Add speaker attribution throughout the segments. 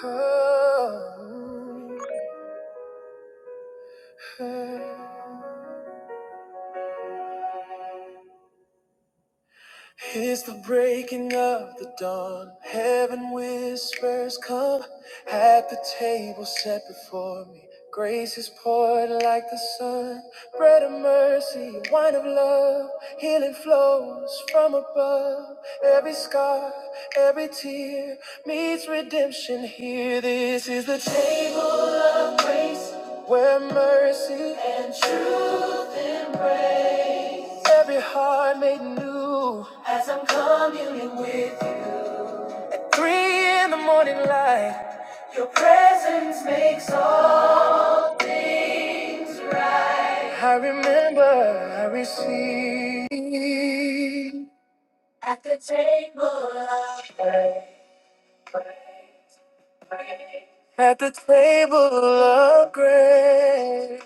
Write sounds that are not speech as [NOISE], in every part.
Speaker 1: Oh. oh, oh. It's the breaking of the dawn. Heaven whispers, Come. At the table set before me, grace is poured like the sun. Bread of mercy, wine of love, healing flows from above. Every scar, every tear meets redemption here. This is the table. of. Grace, where mercy and truth embrace every heart made new as I'm communing with you. Three in the morning light, your presence makes all things right. I remember I received at the table of, at the table of grace.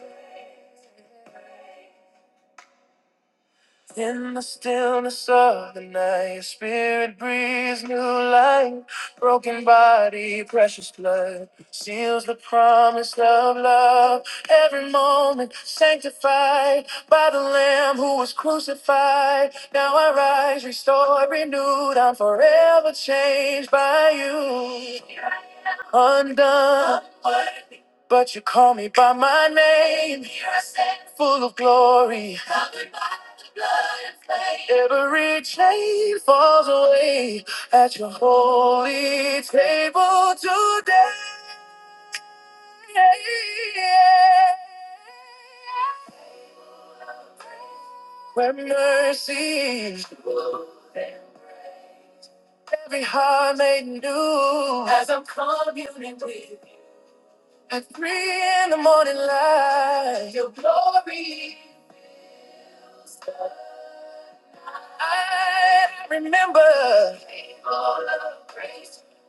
Speaker 1: In the stillness of the night, your spirit breathes new life. Broken body, precious blood, seals the promise of love. Every moment sanctified by the Lamb who was crucified. Now I rise, restored, renewed. I'm forever changed by you. Undone but you call me by my name, Here I stand. full of glory. Covered by the blood and flame. Every chain falls away at your holy table today. Where mercy, every heart made new. As I'm communing with you. At three in the morning light. Your glory. I remember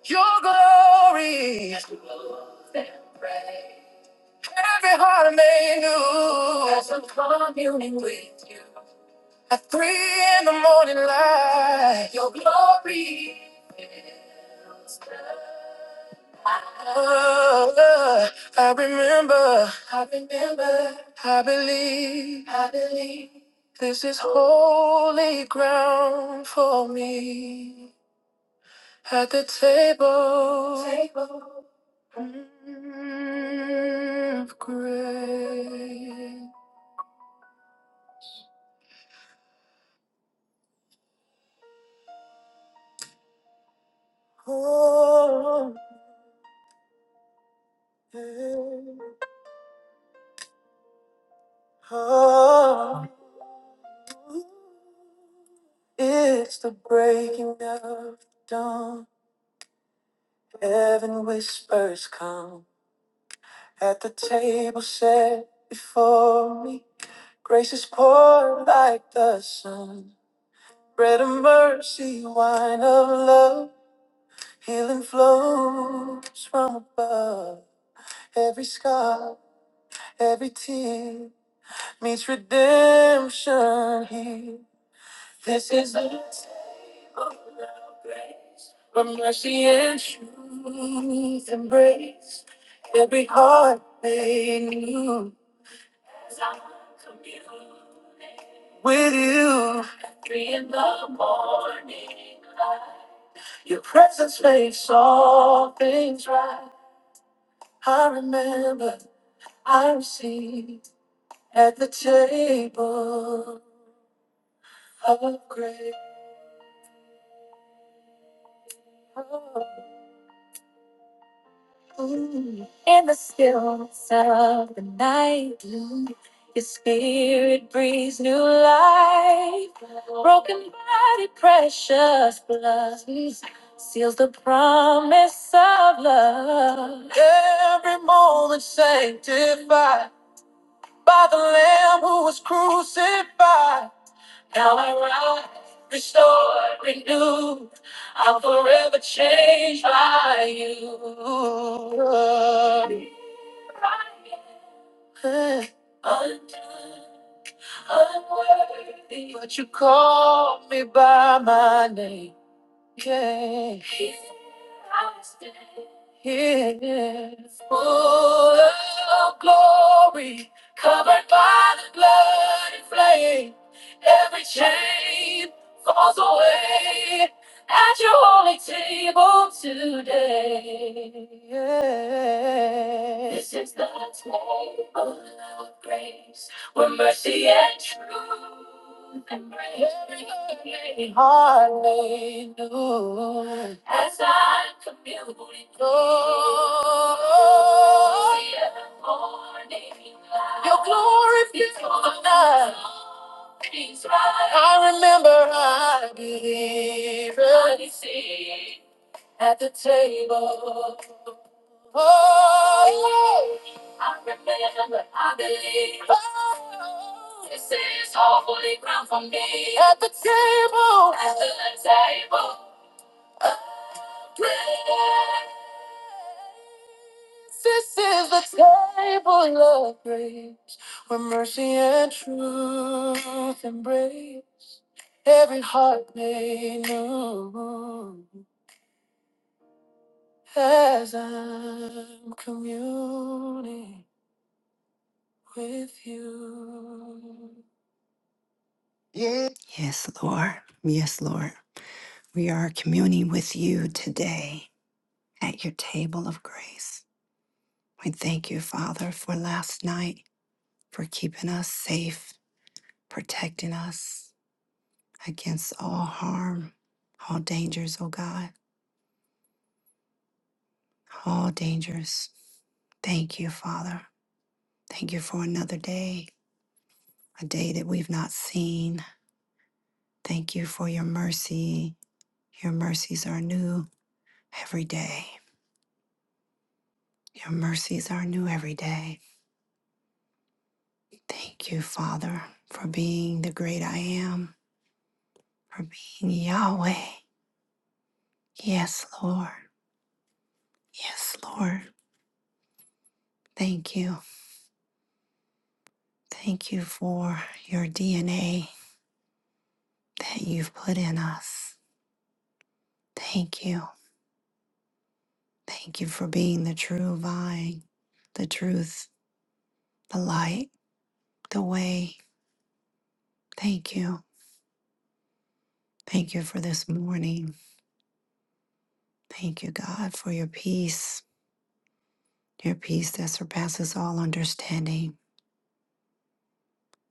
Speaker 1: your glory. Every heart made new. I at three in the morning light, your glory fills the night. Oh, I remember, I remember, I believe, I believe. This is holy ground for me. At the table, table. mm, of grace. Oh, mm. Oh, it's the breaking of dawn. Heaven whispers come at the table set before me. Grace is poured like the sun. Bread of mercy, wine of love. Healing flows from above. Every scar, every tear meets redemption here. This is it. For mercy and truth embrace every heart made new with you. At Three in the morning, light. your presence makes all things right. I remember I received at the table of grace. Ooh, In the stillness of the night, ooh, your spirit breathes new life. Broken body, precious blood seals the promise of love. Every moment sanctified by the Lamb who was crucified. Now I rise, restored, renewed. I'm forever changed by you. Uh, Undone, unworthy, but you call me by my name. Yeah. Here I stand, yeah. Full of glory, covered by the blood and flame. Every chain falls away at your holy table today. This is the table of grace. With mercy and truth and grace. Every hallelujah. As I commune with glory in the morning light. Your glory fills the night. Peace rise. I remember I believed. I see at the table. Oh, I remember, I believe. Oh, this is all holy ground for me. At the table, at the table, of grace. This is the table of grace, where mercy and truth embrace every heart made new. As I'm communing. with you. Yes, Lord. Yes, Lord. We are communing with you today at your table of grace. We thank you, Father, for last night, for keeping us safe, protecting us against all harm, all dangers, oh God, all dangers. Thank you, Father. Thank you for another day, a day that we've not seen. Thank you for your mercy. Your mercies are new every day. Your mercies are new every day. Thank you, Father, for being the great I am, for being Yahweh. Yes, Lord. Yes, Lord. Thank you. Thank you for your DNA that you've put in us. Thank you. Thank you for being the true vine, the truth, the light, the way. Thank you. Thank you for this morning. Thank you, God, for your peace, your peace that surpasses all understanding.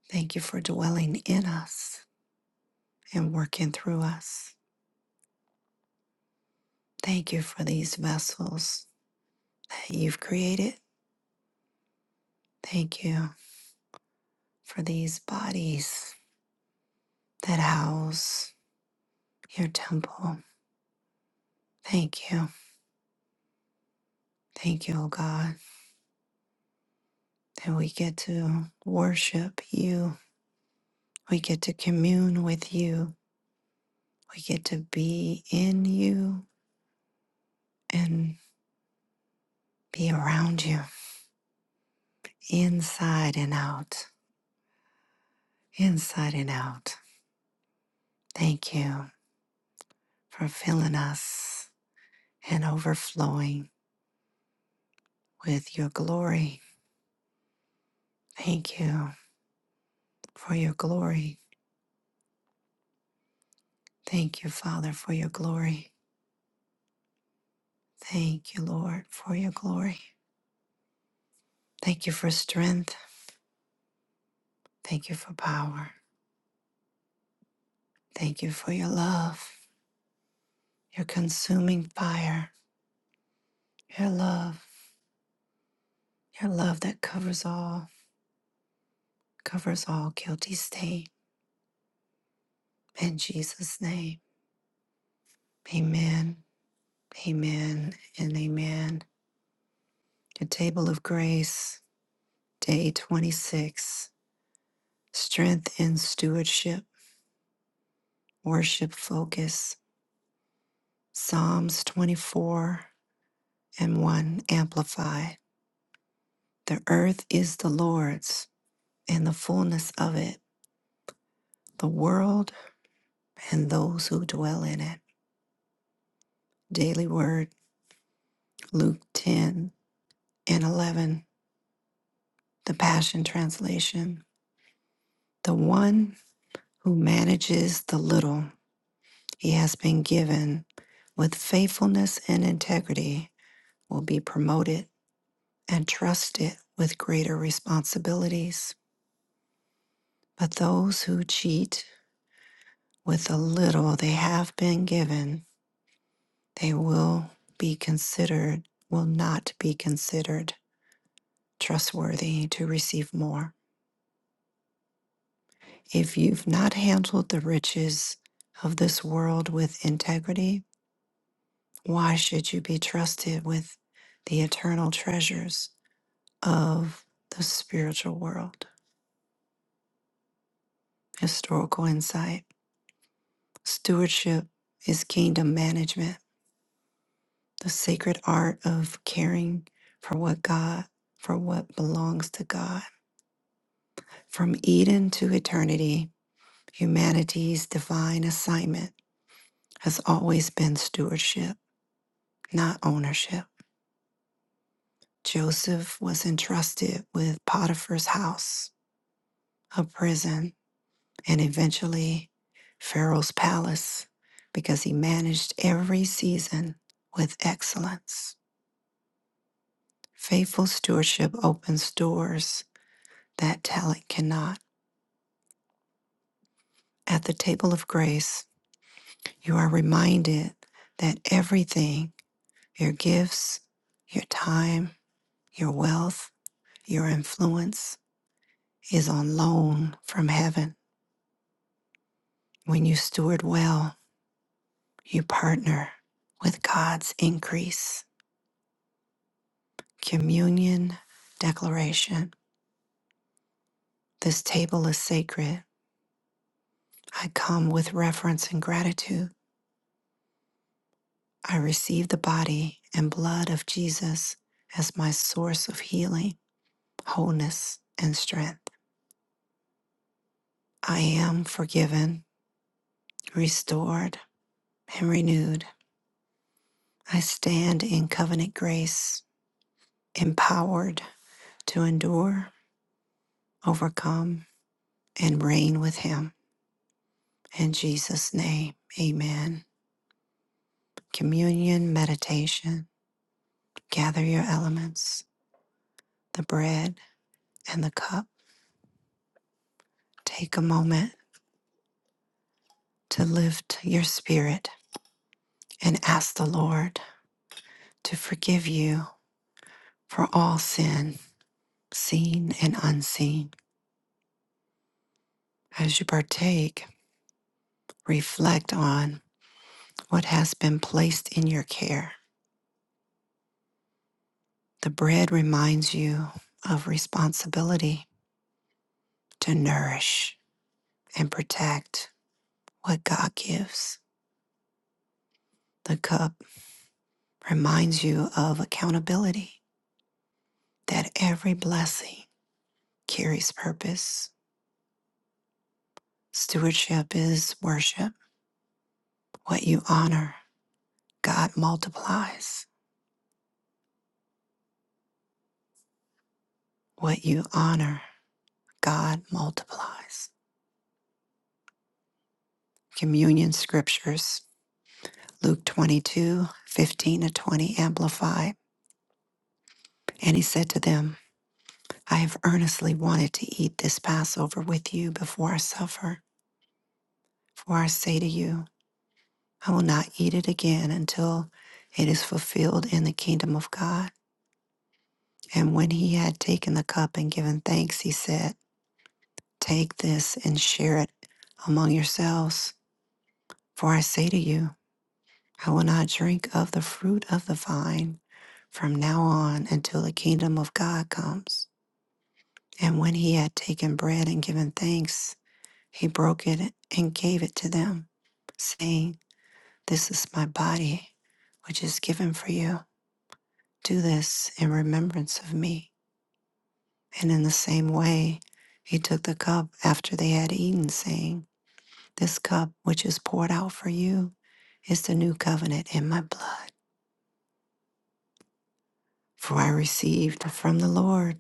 Speaker 1: Thank you for dwelling in us and working through us. Thank you for these vessels that you've created. Thank you for these bodies that house your temple. Thank you. Thank you, O God, that we get to worship you. We get to commune with you. We get to be in you and be around you, inside and out, inside and out. Thank you. for filling us and overflowing with your glory. Thank you for your glory. Thank you, Father, for your glory. Thank you, Lord, for your glory. Thank you for strength. Thank you for power. Thank you for your love, your consuming fire, your love, your love that covers all, covers all guilty stain. In Jesus' name, amen, amen, and amen. The table of grace Day 26 Strength in Stewardship, Worship Focus, Psalms 24 and 1 Amplify. The earth is the Lord's and the fullness of it, the world and those who dwell in it. Daily Word, Luke 10 and 11, the Passion Translation. The one who manages the little he has been given with faithfulness and integrity will be promoted and trust it with greater responsibilities. But those who cheat with the little they have been given, they will be considered, will not be considered trustworthy to receive more. If you've not handled the riches of this world with integrity, why should you be trusted with the eternal treasures of the spiritual world? Historical insight. Stewardship is kingdom management, the sacred art of caring for what God, for what belongs to God. From Eden to eternity, humanity's divine assignment has always been stewardship, not ownership. Joseph was entrusted with Potiphar's house, a prison, and eventually Pharaoh's palace because he managed every season with excellence. Faithful stewardship opens doors that talent cannot. At the table of grace, you are reminded that everything your gifts, your time, your wealth, your influence is on loan from heaven. When you steward well, you partner with God's increase. Communion Declaration This table is sacred. I come with reverence and gratitude. I receive the body and blood of Jesus as my source of healing, wholeness, and strength. I am forgiven, restored, and renewed. I stand in covenant grace, empowered to endure, overcome, and reign with Him. In Jesus' name, amen. Communion meditation. Gather your elements, the bread and the cup. Take a moment to lift your spirit and ask the Lord to forgive you for all sin, seen and unseen. As you partake, reflect on what has been placed in your care. The bread reminds you of responsibility to nourish and protect what God gives. The cup reminds you of accountability, that every blessing carries purpose. Stewardship is worship, what you honor God multiplies what you honor. God multiplies. Communion scriptures, Luke 2215 to 20, amplified. And he said to them, I have earnestly wanted to eat this Passover with you before I suffer. For I say to you, I will not eat it again until it is fulfilled in the kingdom of God. And when he had taken the cup and given thanks, he said, Take this and share it among yourselves. For I say to you, I will not drink of the fruit of the vine from now on until the kingdom of God comes. And when he had taken bread and given thanks, he broke it and gave it to them, saying, This is my body, which is given for you. Do this in remembrance of me. And in the same way, he took the cup after they had eaten, saying, This cup which is poured out for you is the new covenant in my blood. For I received from the Lord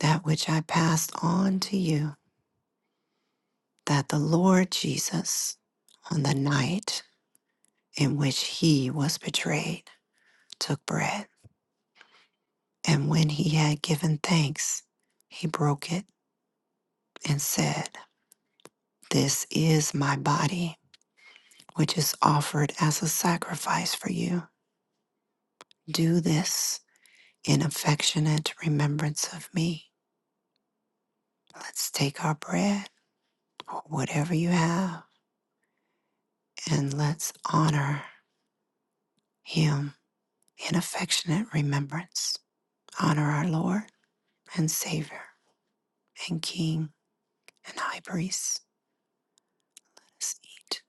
Speaker 1: that which I passed on to you, that the Lord Jesus, on the night in which he was betrayed, took bread. And when he had given thanks, he broke it and said, This is my body, which is offered as a sacrifice for you. Do this in affectionate remembrance of me. Let's take our bread or whatever you have and let's honor him in affectionate remembrance. honor our Lord and Savior and King and High Priest. Let's eat.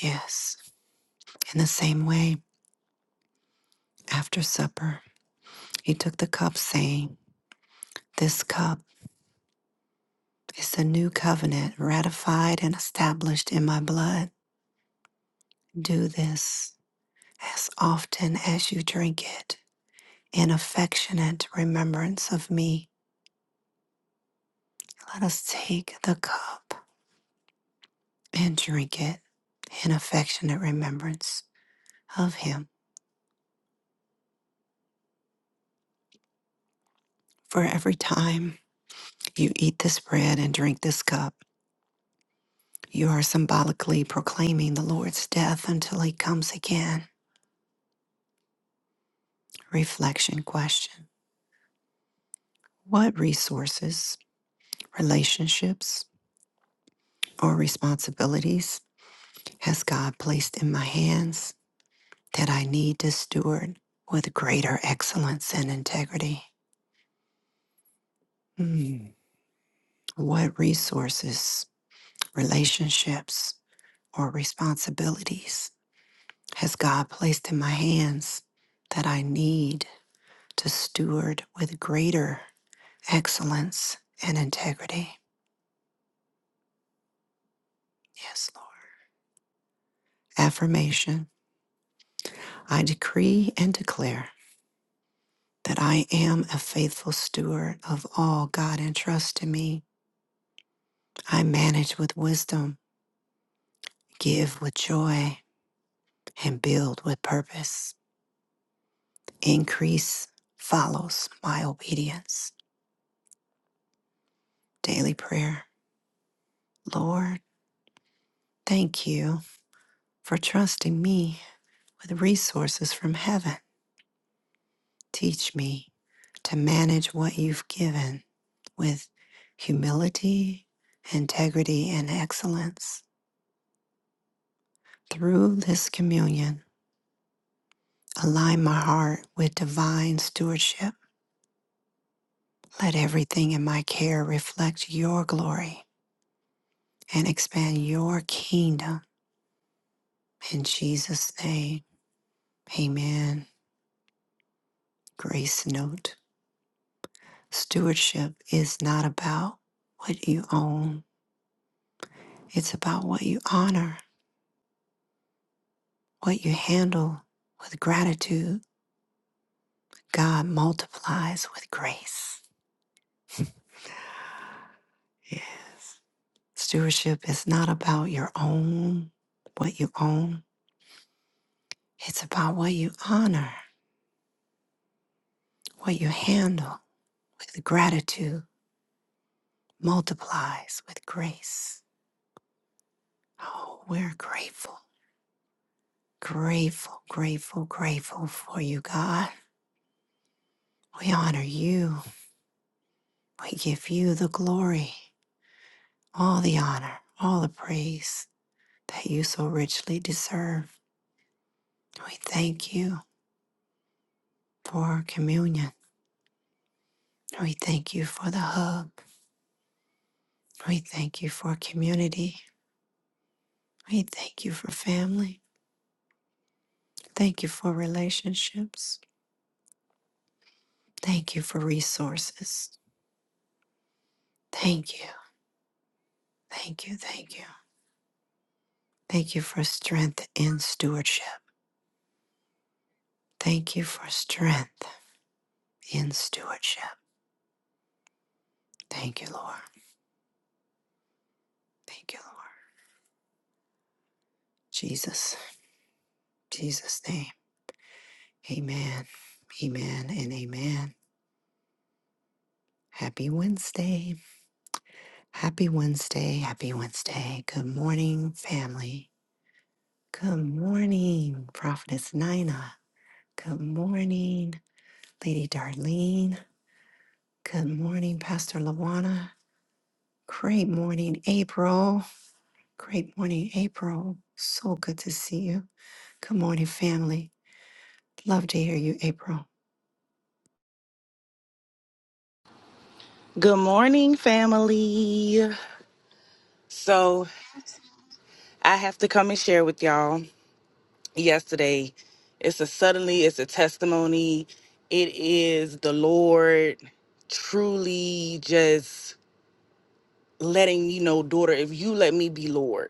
Speaker 1: Yes. In the same way, after supper, he took the cup, saying, This cup is the new covenant ratified and established in my blood. Do this as often as you drink it in affectionate remembrance of me. Let us take the cup and drink it in affectionate remembrance of him. For every time You eat this bread and drink this cup. You are symbolically proclaiming the Lord's death until he comes again. Reflection question What resources, relationships, or responsibilities has God placed in my hands that I need to steward with greater excellence and integrity? Hmm. What resources, relationships, or responsibilities has God placed in my hands that I need? to steward with greater excellence and integrity. Yes, Lord. Affirmation I decree and declare that I am a faithful steward of all God entrusts to me. I manage with wisdom, give with joy, and build with purpose. Increase follows my obedience. Daily prayer. Lord, thank you for trusting me with resources from heaven Teach me to manage what you've given with humility, integrity, and excellence. Through this communion, align my heart with divine stewardship. Let everything in my care reflect your glory and expand your kingdom. In Jesus' name, amen. Grace note Stewardship is not about what you own, it's about what you honor. What you handle with gratitude, God multiplies with grace. Yes. Stewardship is not about your own, what you own. It's about what you honor, what you handle with gratitude multiplies with grace. Oh, we're grateful, grateful, grateful, grateful for you, God. We honor you. We give you the glory, all the honor, all the praise that you so richly deserve. We thank you for communion. We thank you for the hug. We thank you for community. We thank you for family. Thank you for relationships. Thank you for resources. Thank you. Thank you. Thank you. Thank you for strength in stewardship. Thank you for strength in stewardship. Thank you, Lord. Thank you, Lord. Jesus. Jesus' name. Amen. Amen and amen. Happy Wednesday. Happy Wednesday. Happy Wednesday. Good morning, family. Good morning, Prophetess Nina. Good morning, Lady Darlene. Good morning, Pastor Lawana. Great morning, April. Great morning, April. So good to see you. Good morning, family. Love to hear you, April.
Speaker 2: Good morning, family. So, I have to come and share with y'all yesterday. It's a suddenly, it's a testimony. It is the Lord truly just letting me know, daughter, if you let me be Lord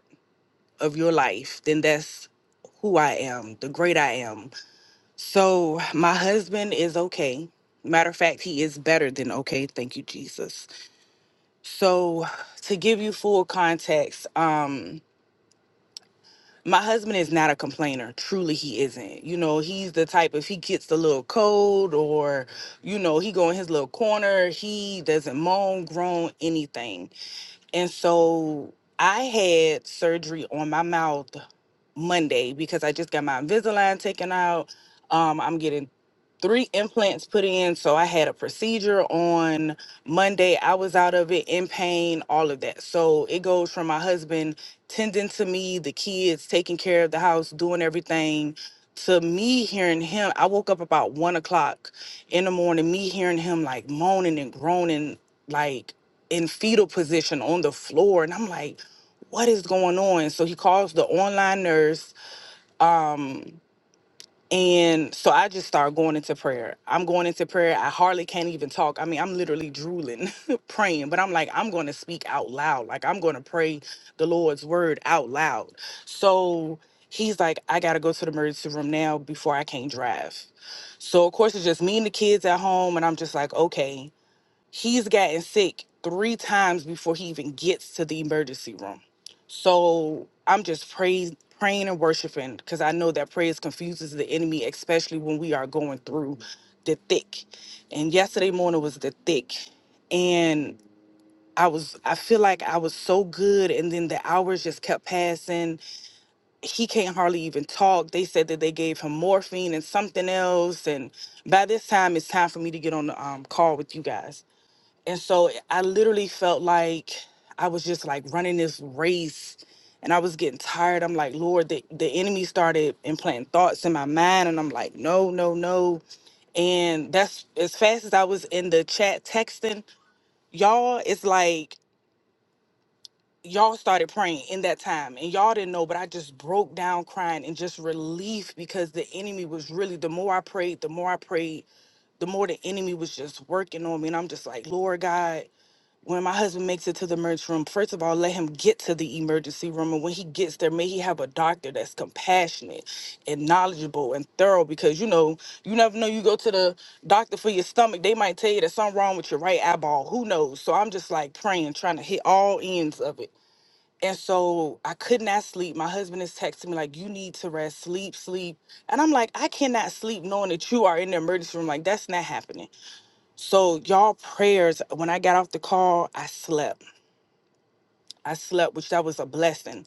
Speaker 2: of your life, then that's who I am, the great I am. So, my husband is okay. Matter of fact, he is better than okay. Thank you, Jesus. So, to give you full context, um, my husband is not a complainer. Truly, he isn't. You know, he's the type if he gets a little cold or, you know, he go in his little corner, he doesn't moan, groan, anything. And so I had surgery on my mouth Monday because I just got my Invisalign taken out. Um, I'm getting three implants put in. So I had a procedure on Monday. I was out of it in pain, all of that. So it goes from my husband tending to me, the kids, taking care of the house, doing everything. To me hearing him, I woke up about one o'clock in the morning, me hearing him like moaning and groaning, like in fetal position on the floor. And I'm like, what is going on? So he calls the online nurse. Um, and so I just start going into prayer. I'm going into prayer. I hardly can't even talk. I mean, I'm literally drooling, [LAUGHS] praying, but I'm like, I'm going to speak out loud. Like, I'm going to pray the Lord's word out loud. So he's like, I got to go to the emergency room now before I can't drive. So, of course, it's just me and the kids at home. And I'm just like, okay. He's gotten sick three times before he even gets to the emergency room. So I'm just praying, praying and worshiping because I know that praise confuses the enemy, especially when we are going through the thick. And yesterday morning was the thick, and I was I feel like I was so good, and then the hours just kept passing. He can't hardly even talk. They said that they gave him morphine and something else, and by this time it's time for me to get on the um, call with you guys. And so eh, I literally felt like I was just like running this race and I was getting tired. I'm like, Lord, the, the enemy started implanting thoughts in my mind. And I'm like, no, no, no. And that's as fast as I was in the chat texting, y'all, it's like, y'all started praying in that time and y'all didn't know but i just broke down crying and just relief because the enemy was really the more i prayed the more i prayed the more the enemy was just working on me and i'm just like lord god when my husband makes it to the emergency room, first of all, let him get to the emergency room. And when he gets there, may he have a doctor that's compassionate and knowledgeable and thorough because, you know, you never know. You go to the doctor for your stomach, they might tell you that something wrong with your right eyeball. Who knows? So I'm just like praying, trying to hit all ends of it. And so I could not sleep. My husband is texting me, like, you need to rest, sleep, sleep. And I'm like, I cannot sleep knowing that you are in the emergency room. Like, that's not happening. So, y'all prayers, when I got off the call, I slept. I slept, which that was a blessing.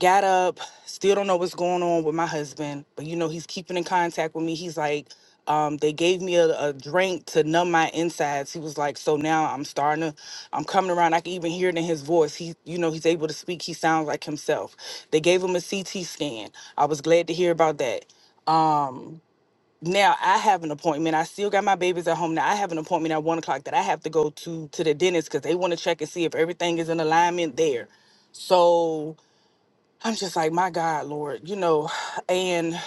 Speaker 2: Got up, still don't know what's going on with my husband, but you know, he's keeping in contact with me. He's like, um, they gave me a, a drink to numb my insides. He was like, so now I'm starting to, I'm coming around. I can even hear it in his voice. He, you know, he's able to speak. He sounds like himself. They gave him a CT scan. I was glad to hear about that. Um, now I have an appointment. I still got my babies at home. Now I have an appointment at one o'clock that I have to go to to the dentist because they want to check and see if everything is in alignment there. So I'm just like, my God, Lord, you know. [SIGHS] And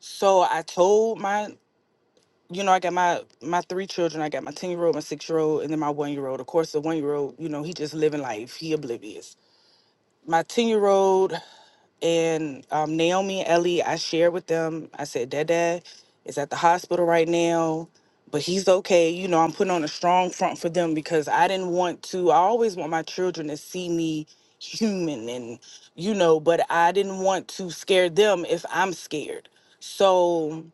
Speaker 2: so I told my, you know, I got my my three children. I got my ten year old, my six year old, and then my one year old. Of course, the one year old, you know, he just living life. He oblivious. My ten year old and um, Naomi and Ellie, I shared with them. I said, Dad, Dad is at the hospital right now, but he's okay. You know, I'm putting on a strong front for them because I didn't want to. I always want my children to see me human and, you know, but I didn't want to scare them if I'm scared. So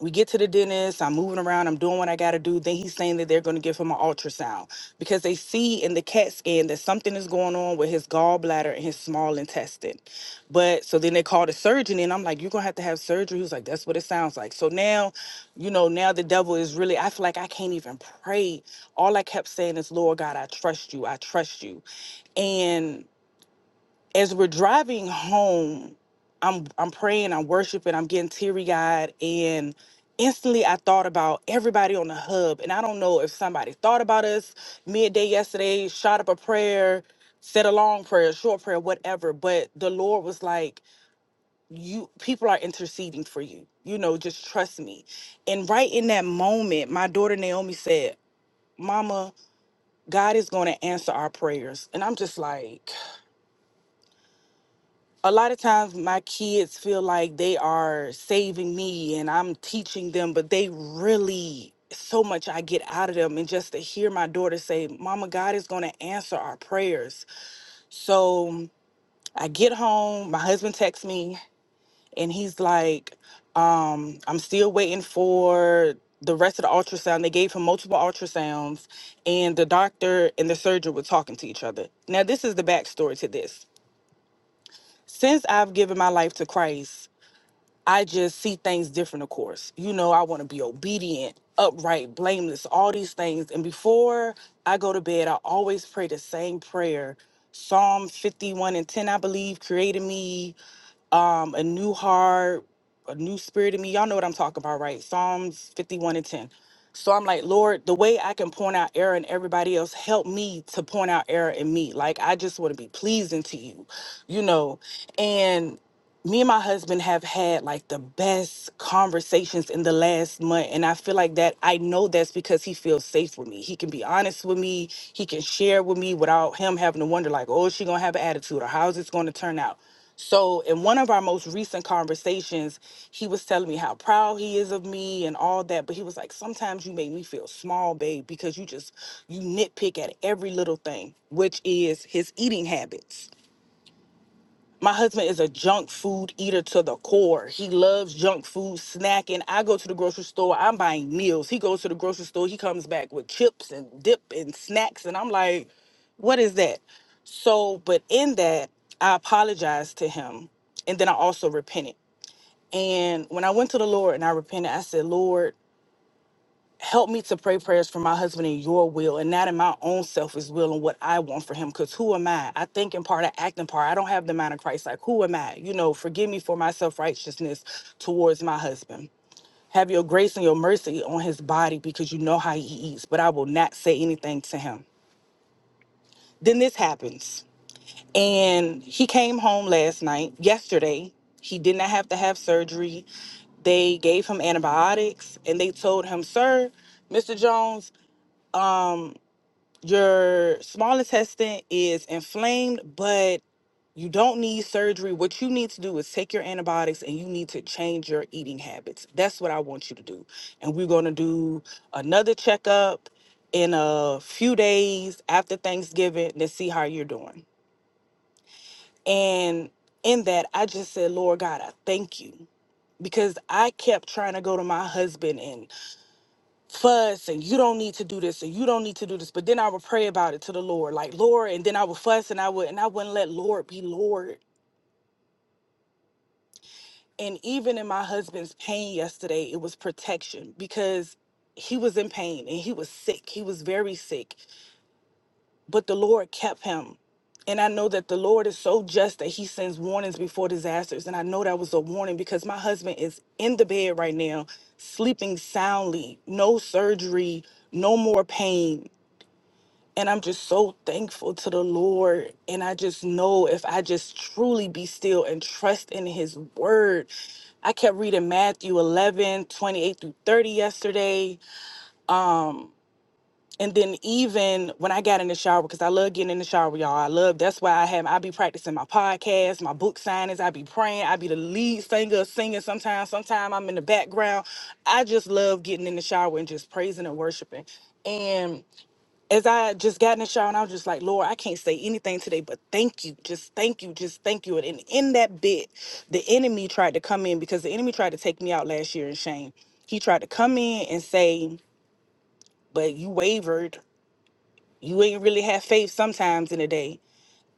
Speaker 2: we get to the dentist i'm moving around i'm doing what i gotta do then he's saying that they're going to give him an ultrasound because they see in the cat scan that something is going on with his gallbladder and his small intestine but so then they call the surgeon and i'm like you're going to have to have surgery he was like that's what it sounds like so now you know now the devil is really i feel like i can't even pray all i kept saying is lord god i trust you i trust you and as we're driving home, I'm I'm praying, I'm worshiping, I'm getting teary eyed, and instantly I thought about everybody on the hub. And I don't know if somebody thought about us midday yesterday, shot up a prayer, said a long prayer, short prayer, whatever. But the Lord was like, You people are interceding for you. You know, just trust me. And right in that moment, my daughter Naomi said, Mama, God is gonna answer our prayers. And I'm just like a lot of times my kids feel like they are saving me and I'm teaching them, but they really so much I get out of them and just to hear my daughter say, "Mama, God is going to answer our prayers." So, I get home, my husband texts me and he's like, um, I'm still waiting for the rest of the ultrasound. They gave him multiple ultrasounds, and the doctor and the surgeon were talking to each other. Now, this is the backstory to this. Since I've given my life to Christ, I just see things different, of course. You know, I want to be obedient, upright, blameless, all these things. And before I go to bed, I always pray the same prayer. Psalm 51 and 10, I believe, created me um, a new heart, a new spirit in me. Y'all know what I'm talking about, right? Psalms 51 and 10. So I'm like, Lord, the way I can point out error in everybody else, help me to point out error in me. Like, I just want to be pleasing to you, you know? And me and my husband have had like the best conversations in the last month and i feel like that i know that's because he feels safe with me he can be honest with me he can share with me without him having to wonder like oh is she gonna have an attitude or how's this gonna turn out so in one of our most recent conversations he was telling me how proud he is of me and all that but he was like sometimes you make me feel small babe because you just you nitpick at every little thing which is his eating habits my husband is a junk food eater to the core. He loves junk food, snacking. I go to the grocery store, I'm buying meals. He goes to the grocery store, he comes back with chips and dip and snacks. And I'm like, what is that? So, but in that, I apologized to him. And then I also repented. And when I went to the Lord and I repented, I said, Lord, help me to pray prayers for my husband in your will and not in my own selfish will and what I want for him. Because who am I? I think in part, I act in part. I don't have the mind of Christ. Like, who am I? You know, forgive me for my self righteousness towards my husband. Have your grace and your mercy on his body because you know how he eats, but I will not say anything to him. Then this happens. And he came home last night, yesterday. He did not have to have surgery. They gave him antibiotics and they told him, Sir, Mr. Jones, your small intestine is inflamed, but you don't need surgery. What you need to do is take your antibiotics and you need to change your eating habits. That's what I want you to do. And we're going to do another checkup in a few days after Thanksgiving to see how you're doing. And in that, I just said, Lord God, I thank you because I kept trying to go to my husband and fuss and you don't need to do this and you don't need to do this. But then I would pray about it to the Lord, like Lord, and then I would fuss and I would and I wouldn't let Lord be Lord. And even in my husband's pain yesterday, it was protection because he was in pain and he was sick. He was very sick, but the Lord kept him. And I know that the Lord is so just that he sends warnings before disasters. And I know that was a warning because my husband is in the bed right now, sleeping soundly, no surgery, no more pain And I'm just so thankful to the Lord. And I just know if I just truly be still and trust in his word. I kept reading Matthew 11 28 through 30 yesterday. And then even when I got in the shower, because I love getting in the shower, y'all. I love, that's why I have, I be practicing my podcast, my book signings. I be praying. I be the lead singer, singing sometimes. Sometimes I'm in the background. I just love getting in the shower and just praising and worshiping. And as I just got in the shower and I was just like, Lord, I can't say anything today, but thank you. Just thank you. Just thank you. And in that bit, the enemy tried to come in because the enemy tried to take me out last year in shame. He tried to come in and say, But you wavered. You ain't really had faith sometimes in the day.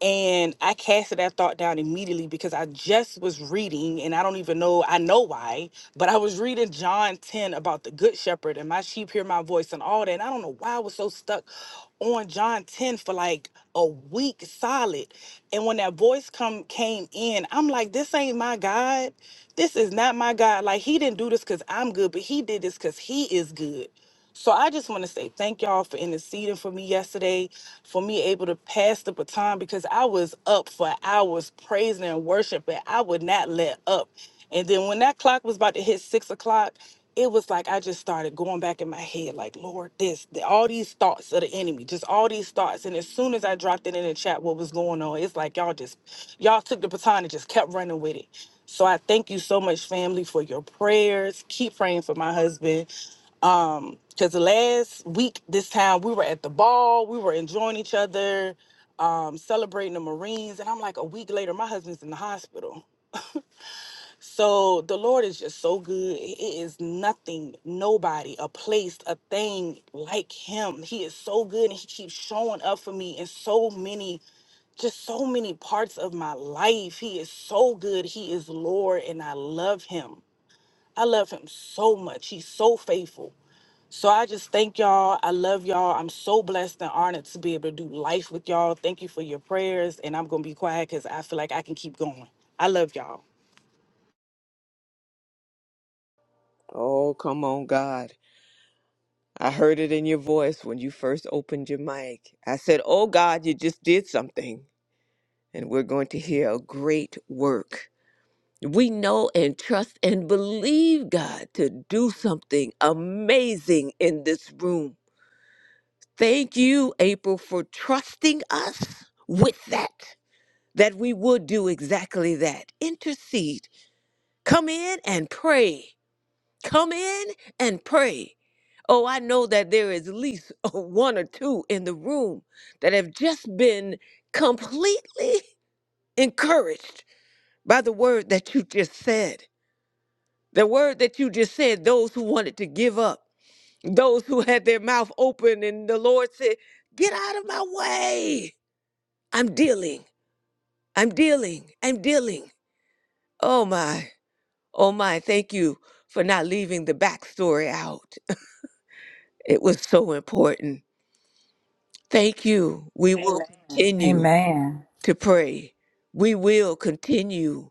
Speaker 2: And I casted that thought down immediately because I just was reading, and I don't even know, I know why, but I was reading John 10 about the good shepherd and my sheep hear my voice and all that. And I don't know why I was so stuck on John 10 for like a week solid. And when that voice come came in, I'm like, this ain't my God. This is not my God. Like he didn't do this because I'm good, but he did this because he is good. So I just want to say thank y'all for interceding for me yesterday, for me able to pass the baton because I was up for hours praising and worshiping. I would not let up. And then when that clock was about to hit six o'clock, it was like I just started going back in my head, like, Lord, this, th- all these thoughts of the enemy, just all these thoughts. And as soon as I dropped it in the chat, what was going on, it's like y'all just, y'all took the baton and just kept running with it. So I thank you so much, family, for your prayers. Keep praying for my husband um because last week this time we were at the ball we were enjoying each other um celebrating the marines and i'm like a week later my husband's in the hospital so the lord is just so good it is nothing nobody a place a thing like him he is so good and he keeps showing up for me in so many just so many parts of my life. He is so good. He is Lord, and I love him. I love him so much. He's so faithful. So I just thank y'all. I love y'all. I'm so blessed and honored to be able to do life with y'all. Thank you for your prayers. And I'm going to be quiet because I feel like I can keep going. I love y'all.
Speaker 3: Oh, come on, God. I heard it in your voice when you first opened your mic. I said, Oh, God, you just did something. And we're going to hear a great work. We know and trust and believe God to do something amazing in this room. Thank you, April, for trusting us with that, that we would do exactly that. Intercede, come in and pray. Come in and pray. Oh, I know that there is at least [LAUGHS] one or two in the room that have just been completely [LAUGHS] encouraged by the word that you just said. The word that you just said, those who wanted to give up, those who had their mouth open, and the Lord said, Get out of my way. I'm dealing. I'm dealing. I'm dealing. Oh, my. Oh, my. Thank you for not leaving the backstory out. [LAUGHS] It was so important Thank you. We will Amen. continue
Speaker 4: Amen.
Speaker 3: to pray. We will continue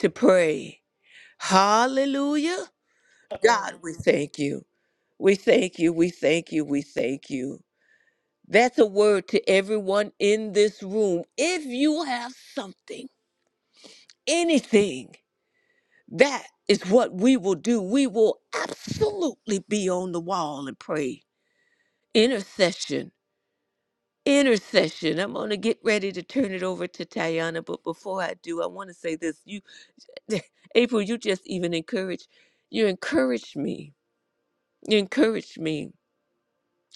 Speaker 3: to pray. Hallelujah. God, we thank you. We thank you. We thank you. We thank you. That's a word to everyone in this room. If you have something, anything, that is what we will do. We will absolutely be on the wall and pray. Intercession intercession. I'm going to get ready to turn it over to Tayana, but before I do, I want to say this. You [LAUGHS] April, you just even encourage you encouraged me. You encouraged me.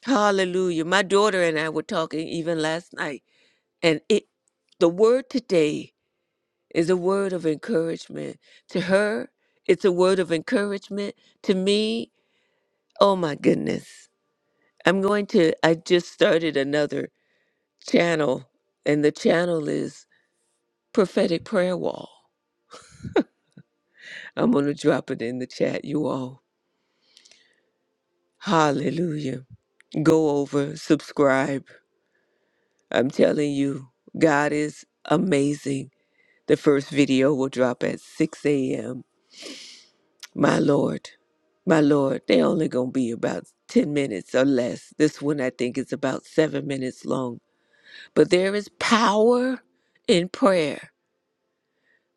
Speaker 3: Hallelujah. My daughter and I were talking even last night, and it the word today is a word of encouragement to her. It's a word of encouragement to me. Oh my goodness. I'm going to I just started another channel and the channel is prophetic prayer wall. I'm going to drop it in the chat, you all. Hallelujah. Go over, subscribe. I'm telling you, God is amazing. The first video will drop at 6 a.m. My Lord, my Lord, they only going to be about 10 minutes or less. This one, I think, is about seven minutes long. But there is power in prayer.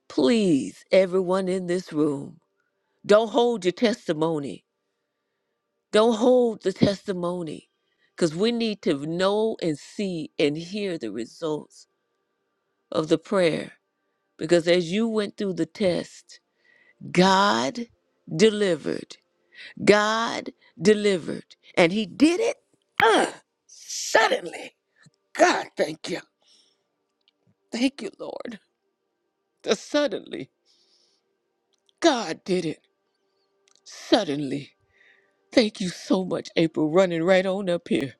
Speaker 3: Please, everyone in this room, don't hold your testimony. Don't hold the testimony because we need to know and see and hear the results of the prayer. Because as you went through the test, God delivered. God delivered. And He did it uh, suddenly. God, thank you. Thank you, Lord. The suddenly. God did it suddenly. Thank you so much, April, running right on up here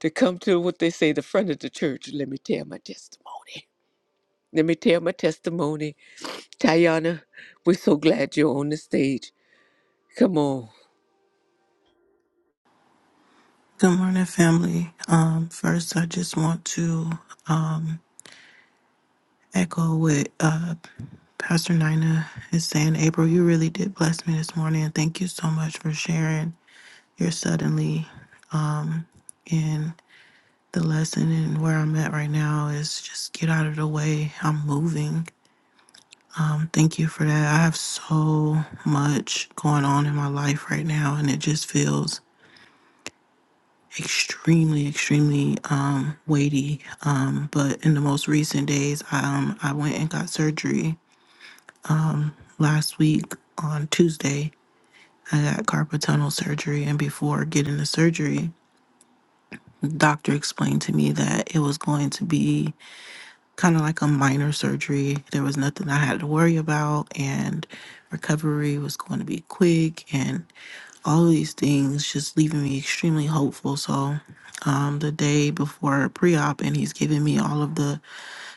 Speaker 3: to come to what they say the front of the church. Let me tell my testimony. Let me tell my testimony. Tayana, we're so glad you're on the stage. Come on.
Speaker 5: Good morning, family. Um, first, I just want to um, echo what uh, Pastor Nina is saying. April, you really did bless me this morning. and Thank you so much for sharing your suddenly. Um, and the lesson and where I'm at right now is just get out of the way. I'm moving. Um, thank you for that. I have so much going on in my life right now, and it just feels extremely, extremely um, weighty. Um, but in the most recent days, um, I went and got surgery last week on Tuesday. I got carpal tunnel surgery, and before getting the surgery, the doctor explained to me that it was going to be kind of like a minor surgery. There was nothing I had to worry about, and recovery was going to be quick, and all of these things just leaving me extremely hopeful. So, um, the day before pre op, and he's giving me all of the,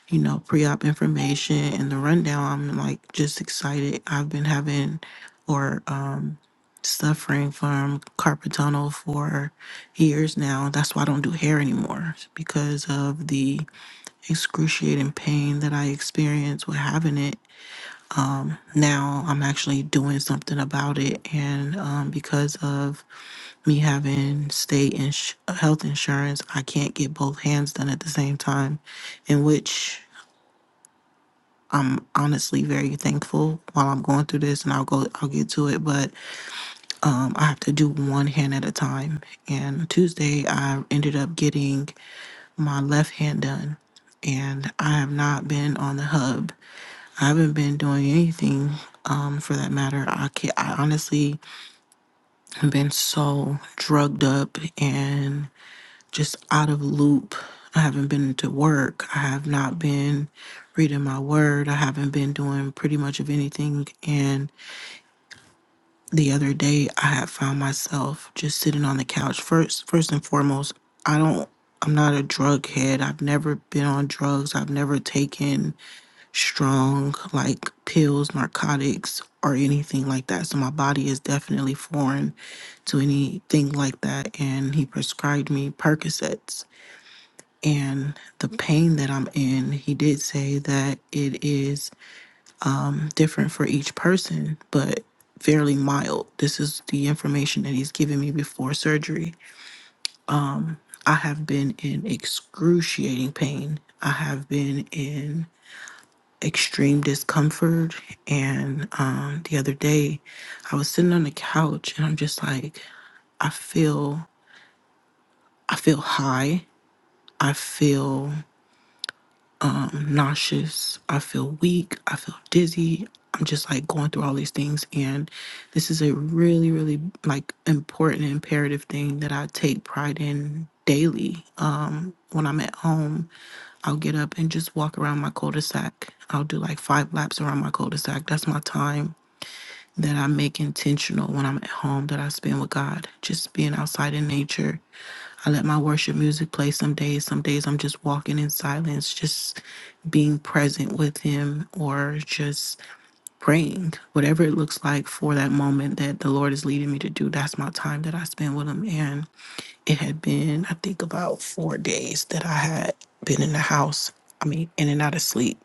Speaker 5: you know, pre op information and the rundown, I'm like just excited. I've been having or um, suffering from carpal tunnel for years now. That's why I don't do hair anymore because of the excruciating pain that I experienced with having it. Now I'm actually doing something about it. And um, because of me having state and ins- health insurance, I can't get both hands done at the same time, in which honestly very thankful while I'm going through this and I'll go I'll get to it. But Um, I have to do one hand at a time. And Tuesday, I ended up getting my left hand done. And I have not been on the hub. I haven't been doing anything um, for that matter. I, can I honestly have been so drugged up and just out of loop. I haven't been to work. I have not been reading my word. I haven't been doing pretty much of anything. And the other day I had found myself just sitting on the couch. First first and foremost, I don't I'm not a drug head. I've never been on drugs. I've never taken strong like pills, narcotics, or anything like that. So my body is definitely foreign to anything like that. And he prescribed me Percocets. And the pain that I'm in, he did say that it is different for each person, but fairly mild. This is the information that he's given me before surgery. I have been in excruciating pain. I have been in extreme discomfort. And um, the other day, I was sitting on the couch and I'm just like, I feel, I feel high. I feel nauseous. I feel weak. I feel dizzy. I'm just like going through all these things. And this is a really, really like important, imperative thing that I take pride in daily. Uh, when I'm at home, I'll get up and just walk around my cul de sac. I'll do like five laps around my cul de sac. That's my time that I make intentional when I'm at home that I spend with God, just being outside in nature. I let my worship music play some days. Some days I'm just walking in silence, just being present with Him or just praying. Whatever it looks like for that moment that the Lord is leading me to do, that's my time that I spend with Him. And it had been, I think, about four days that I had been in the house. I mean, in and out of sleep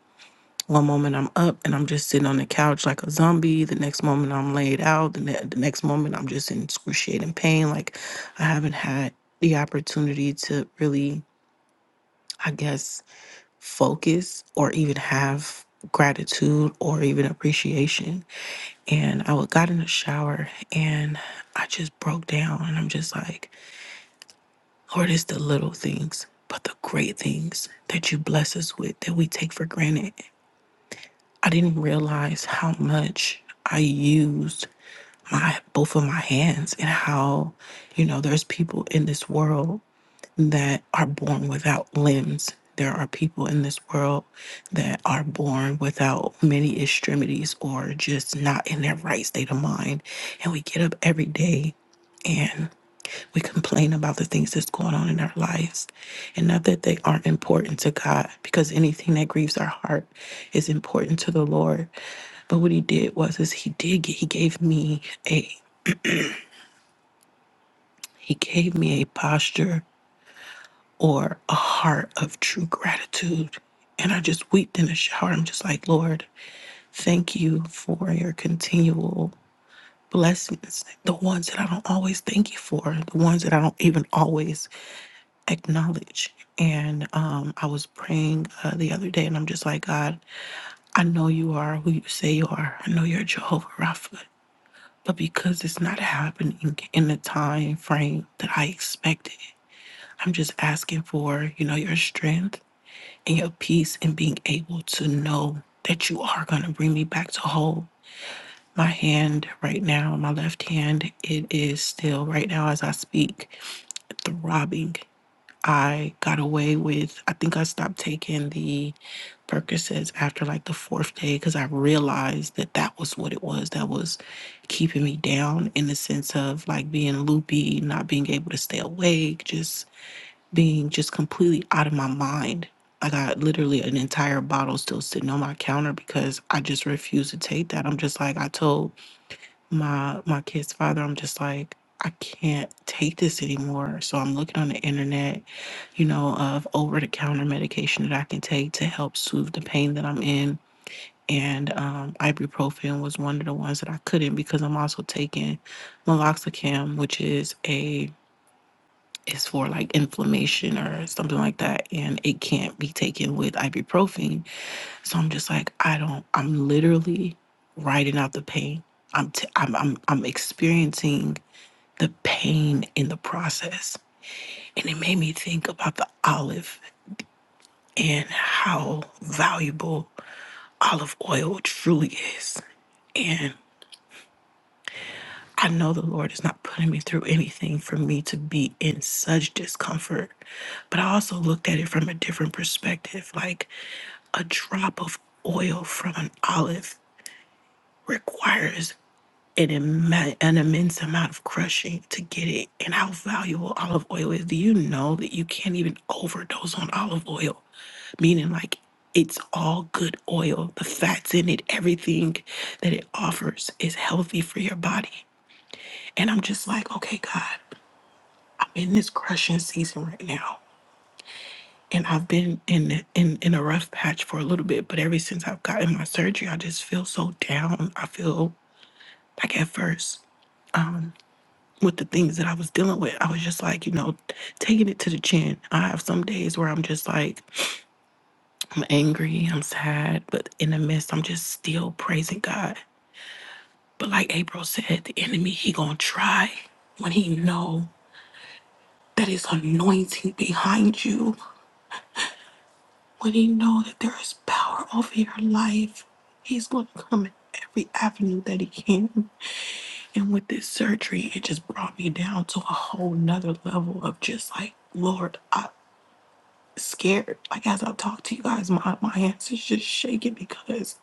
Speaker 5: one moment I'm up and I'm just sitting on the couch like a zombie. The next moment I'm laid out. The, ne- the next moment I'm just in excruciating pain. Like I haven't had the opportunity to really, I guess, focus or even have gratitude or even appreciation. And I wa- got in the shower and I just broke down and I'm just like, Lord, it's the little things, but the great things that you bless us with that we take for granted. I didn't realize how much I used my both of my hands and how, you know, there's people in this world that are born without limbs. There are people in this world that are born without many extremities or just not in their right state of mind. And we get up every day and. We complain about the things that's going on in our lives and not that they aren't important to God because anything that grieves our heart is important to the Lord. But what he did was is he did he gave me a he gave me a posture or a heart of true gratitude. And I just wept in the shower. I'm just like, Lord, thank you for your continual blessings. The ones that I don't always thank you for, the ones that I don't even always acknowledge. And um, I was praying uh, the other day, and I'm just like, God, I know you are who you say you are. I know you're Jehovah Rapha, but because it's not happening in the time frame that I expected, I'm just asking for, you know, your strength and your peace and being able to know that you are going to bring me back to whole. My hand right now, my left hand, it is still right now as I speak, throbbing I got away with, I think I stopped taking the Percocets after like the fourth day because I realized that that was what it was that was keeping me down in the sense of like being loopy, not being able to stay awake, just being just completely out of my mind. I got literally an entire bottle still sitting on my counter because I just refused to take that. I'm just like, I told my my kid's father i'm just like i can't take this anymore so i'm looking on the internet you know of over-the-counter medication that i can take to help soothe the pain that i'm in and um, ibuprofen was one of the ones that i couldn't because i'm also taking meloxicam which is a is for like inflammation or something like that and it can't be taken with ibuprofen so I'm just like, I don't. I'm literally writing out the pain. I'm t- I'm I'm I'm experiencing the pain in the process, and it made me think about the olive and how valuable olive oil truly is. And I know the Lord is not putting me through anything for me to be in such discomfort, but I also looked at it from a different perspective, like a drop of oil from an olive requires an, imma- an immense amount of crushing to get it. And how valuable olive oil is. Do you know that you can't even overdose on olive oil? Meaning, like, it's all good oil. The fats in it, everything that it offers is healthy for your body. And I'm just like, okay, God, I'm in this crushing season right now. And I've been in, in in a rough patch for a little bit, but ever since I've gotten my surgery, I just feel so down. I feel like at first. with the things that I was dealing with, I was just like, you know, taking it to the chin. I have some days where I'm just like, I'm angry, I'm sad, but in the midst, I'm just still praising God. But like April said, the enemy, he gonna try when he know that his anointing behind you, when he know that there is power over your life, he's gonna come in every avenue that he can. And with this surgery, it just brought me down to a whole nother level of just like, Lord, I scared. Like as I talk to you guys, my, my hands is just shaking because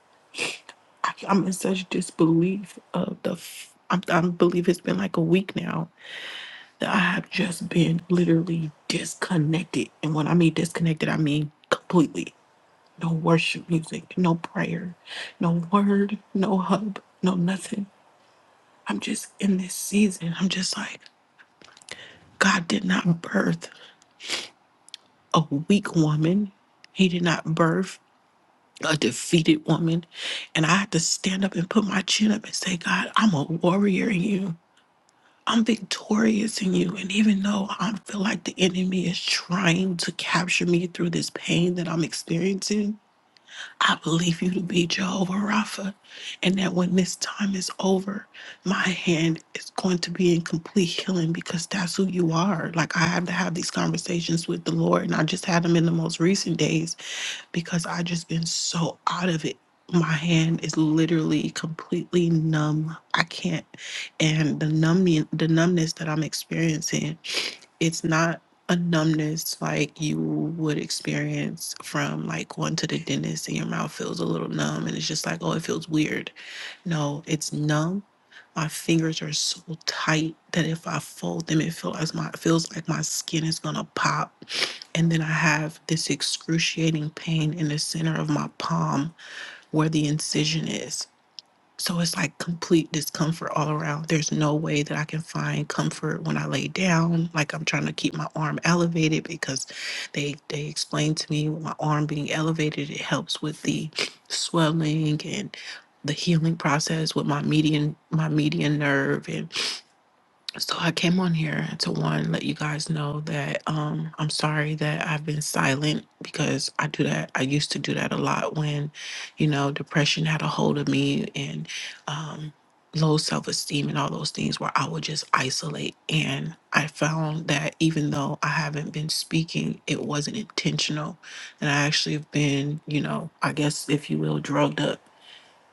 Speaker 5: I, I'm in such disbelief of the. F- I, I believe it's been like a week now that I have just been literally disconnected, and when I mean disconnected, I mean completely. No worship music, no prayer, no word, no hub, no nothing. I'm just in this season. I'm just like God did not birth a weak woman. He did not birth a defeated woman. And I had to stand up and put my chin up and say, God, I'm a warrior in you. I'm victorious in you. And even though I feel like the enemy is trying to capture me through this pain that I'm experiencing, I believe you to be Jehovah Rapha. And that when this time is over, my hand is going to be in complete healing because that's who you are. Like I have to have these conversations with the Lord. And I just had them in the most recent days because I just been so out of it. My hand is literally completely numb. I can't, and the numbing, the numbness that I'm experiencing, it's not a numbness like you would experience from like going to the dentist and your mouth feels a little numb and it's just like oh it feels weird. No, it's numb. My fingers are so tight that if I fold them, it feels like my feels like my skin is gonna pop and then I have this excruciating pain in the center of my palm where the incision is. So it's like complete discomfort all around. There's no way that I can find comfort when I lay down. Like I'm trying to keep my arm elevated because they they explained to me with my arm being elevated, it helps with the swelling and the healing process with my median my median nerve and. So I came on here to one let you guys know that um I'm sorry that I've been silent because I do that I used to do that a lot when you know depression had a hold of me and um low self-esteem and all those things where I would just isolate and I found that even though I haven't been speaking it wasn't intentional and I actually have been you know I guess if you will drugged up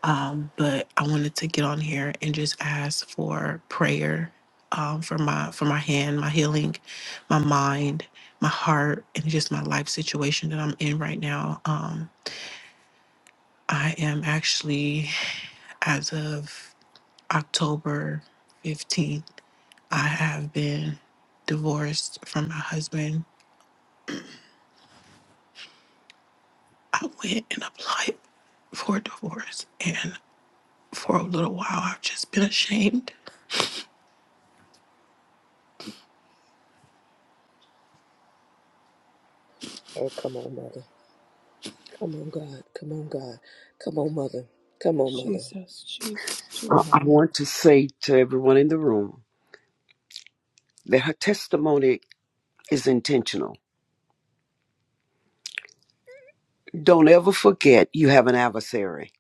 Speaker 5: um, but I wanted to get on here and just ask for prayer um, for my for my hand, my healing, my mind, my heart, and just my life situation that I'm in right now. Um, I am actually, as of October 15th, I have been divorced from my husband. I went and applied for a divorce, and for a little while, I've just been ashamed
Speaker 3: Oh, come on, mother. Come on, God. Come on, God. Come on, mother. Come on, mother.
Speaker 6: Jesus, Jesus,
Speaker 7: I
Speaker 3: Come
Speaker 6: Jesus.
Speaker 3: on.
Speaker 7: I want to say to everyone in the room that her testimony is intentional. Don't ever forget you have an adversary.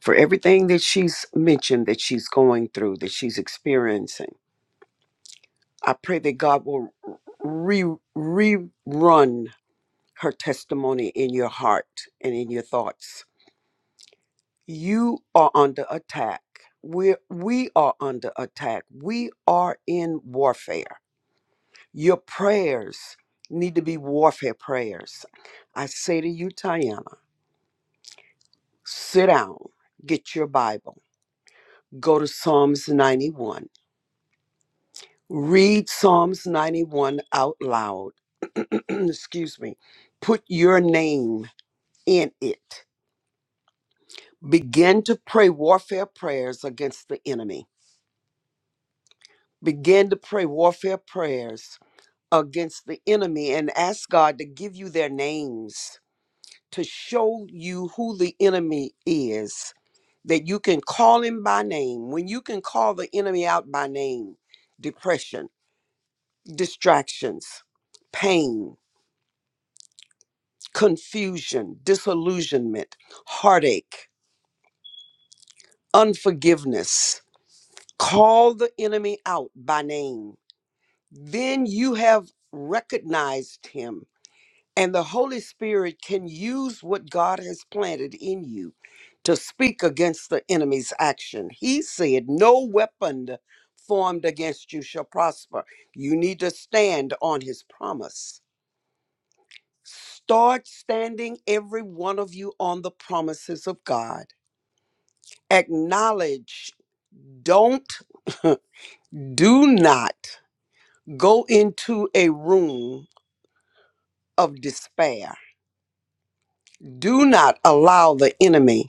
Speaker 7: For everything that she's mentioned, that she's going through, that she's experiencing, I pray that God will re- rerun her testimony in your heart and in your thoughts. You are under attack. We're, we are under attack. We are in warfare Your prayers need to be warfare prayers. I say to you, Tiana, sit down, get your Bible, go to Psalms 91, read Psalms 91 out loud. [CLEARS THROAT] Excuse me. Put your name in it. Begin to pray warfare prayers against the enemy. Begin to pray warfare prayers against the enemy and ask God to give you their names to show you who the enemy is, that you can call him by name. When you can call the enemy out by name, depression, distractions, pain, confusion, disillusionment, heartache, unforgiveness, call the enemy out by name. Then you have recognized him And the Holy Spirit can use what God has planted in you to speak against the enemy's action. He said, No weapon formed against you shall prosper. You need to stand on his promise. Start standing, every one of you, on the promises of God. Acknowledge, don't, [LAUGHS] do not go into a room of despair. Do not allow the enemy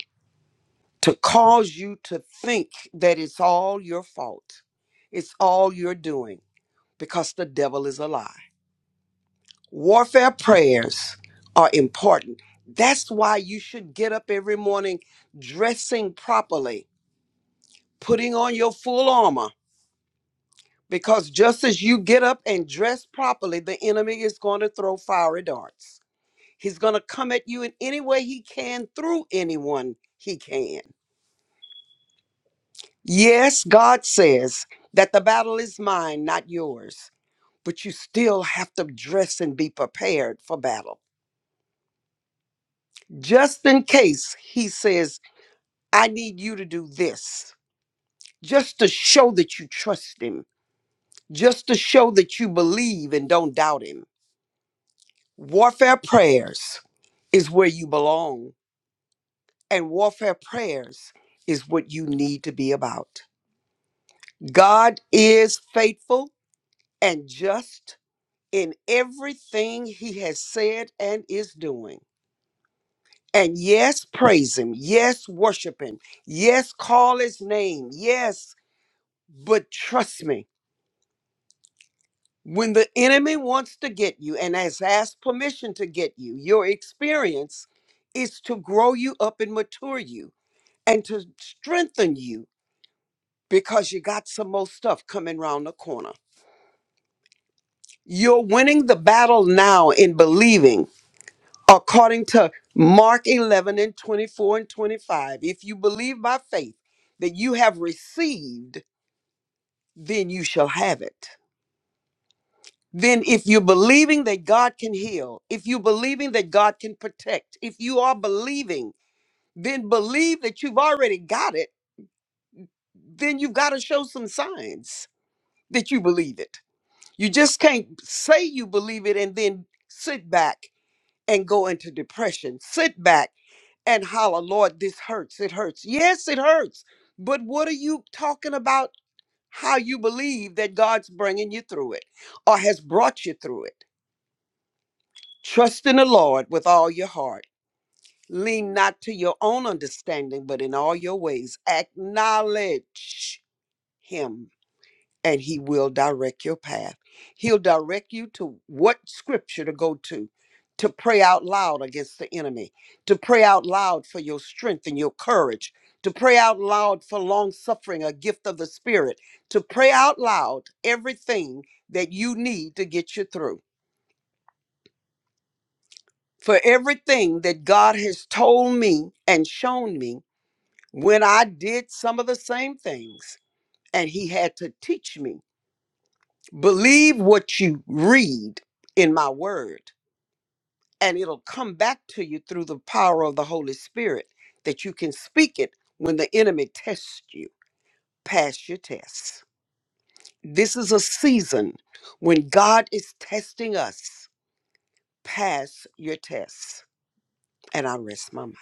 Speaker 7: to cause you to think that it's all your fault. It's all you're doing because the devil is a lie. Warfare prayers are important. That's why you should get up every morning dressing properly, putting on your full armor, because just as you get up and dress properly, the enemy is going to throw fiery darts. He's going to come at you in any way he can through anyone he can. Yes, God says that the battle is mine, not yours, but you still have to dress and be prepared for battle. Just in case he says, I need you to do this, just to show that you trust him, just to show that you believe and don't doubt him. Warfare prayers is where you belong, and warfare prayers is what you need to be about. God is faithful and just in everything he has said and is doing. And yes, praise him. Yes, worship him. Yes, call his name. Yes, but trust me, when the enemy wants to get you and has asked permission to get you, your experience is to grow you up and mature you and to strengthen you because you got some more stuff coming round the corner. You're winning the battle now in believing according to Mark 11 and 24 and 25. If you believe by faith that you have received, then you shall have it. Then, if you're believing that God can heal, if you're believing that God can protect, if you are believing, then believe that you've already got it, then you've got to show some signs that you believe it. You just can't say you believe it and then sit back and go into depression. Sit back and holler, Lord, this hurts. It hurts. Yes, it hurts. But what are you talking about? How you believe that God's bringing you through it or has brought you through it. Trust in the Lord with all your heart. Lean not to your own understanding, but in all your ways, acknowledge Him and he will direct your path. He'll direct you to what scripture to go to, to pray out loud against the enemy, to pray out loud for your strength and your courage, to pray out loud for long suffering, a gift of the Spirit, to pray out loud everything that you need to get you through. For everything that God has told me and shown me when I did some of the same things, and He had to teach me Believe what you read in my word, and it'll come back to you through the power of the Holy Spirit that you can speak it when the enemy tests you. Pass your tests. This is a season when God is testing us. Pass your tests. And I rest my mind.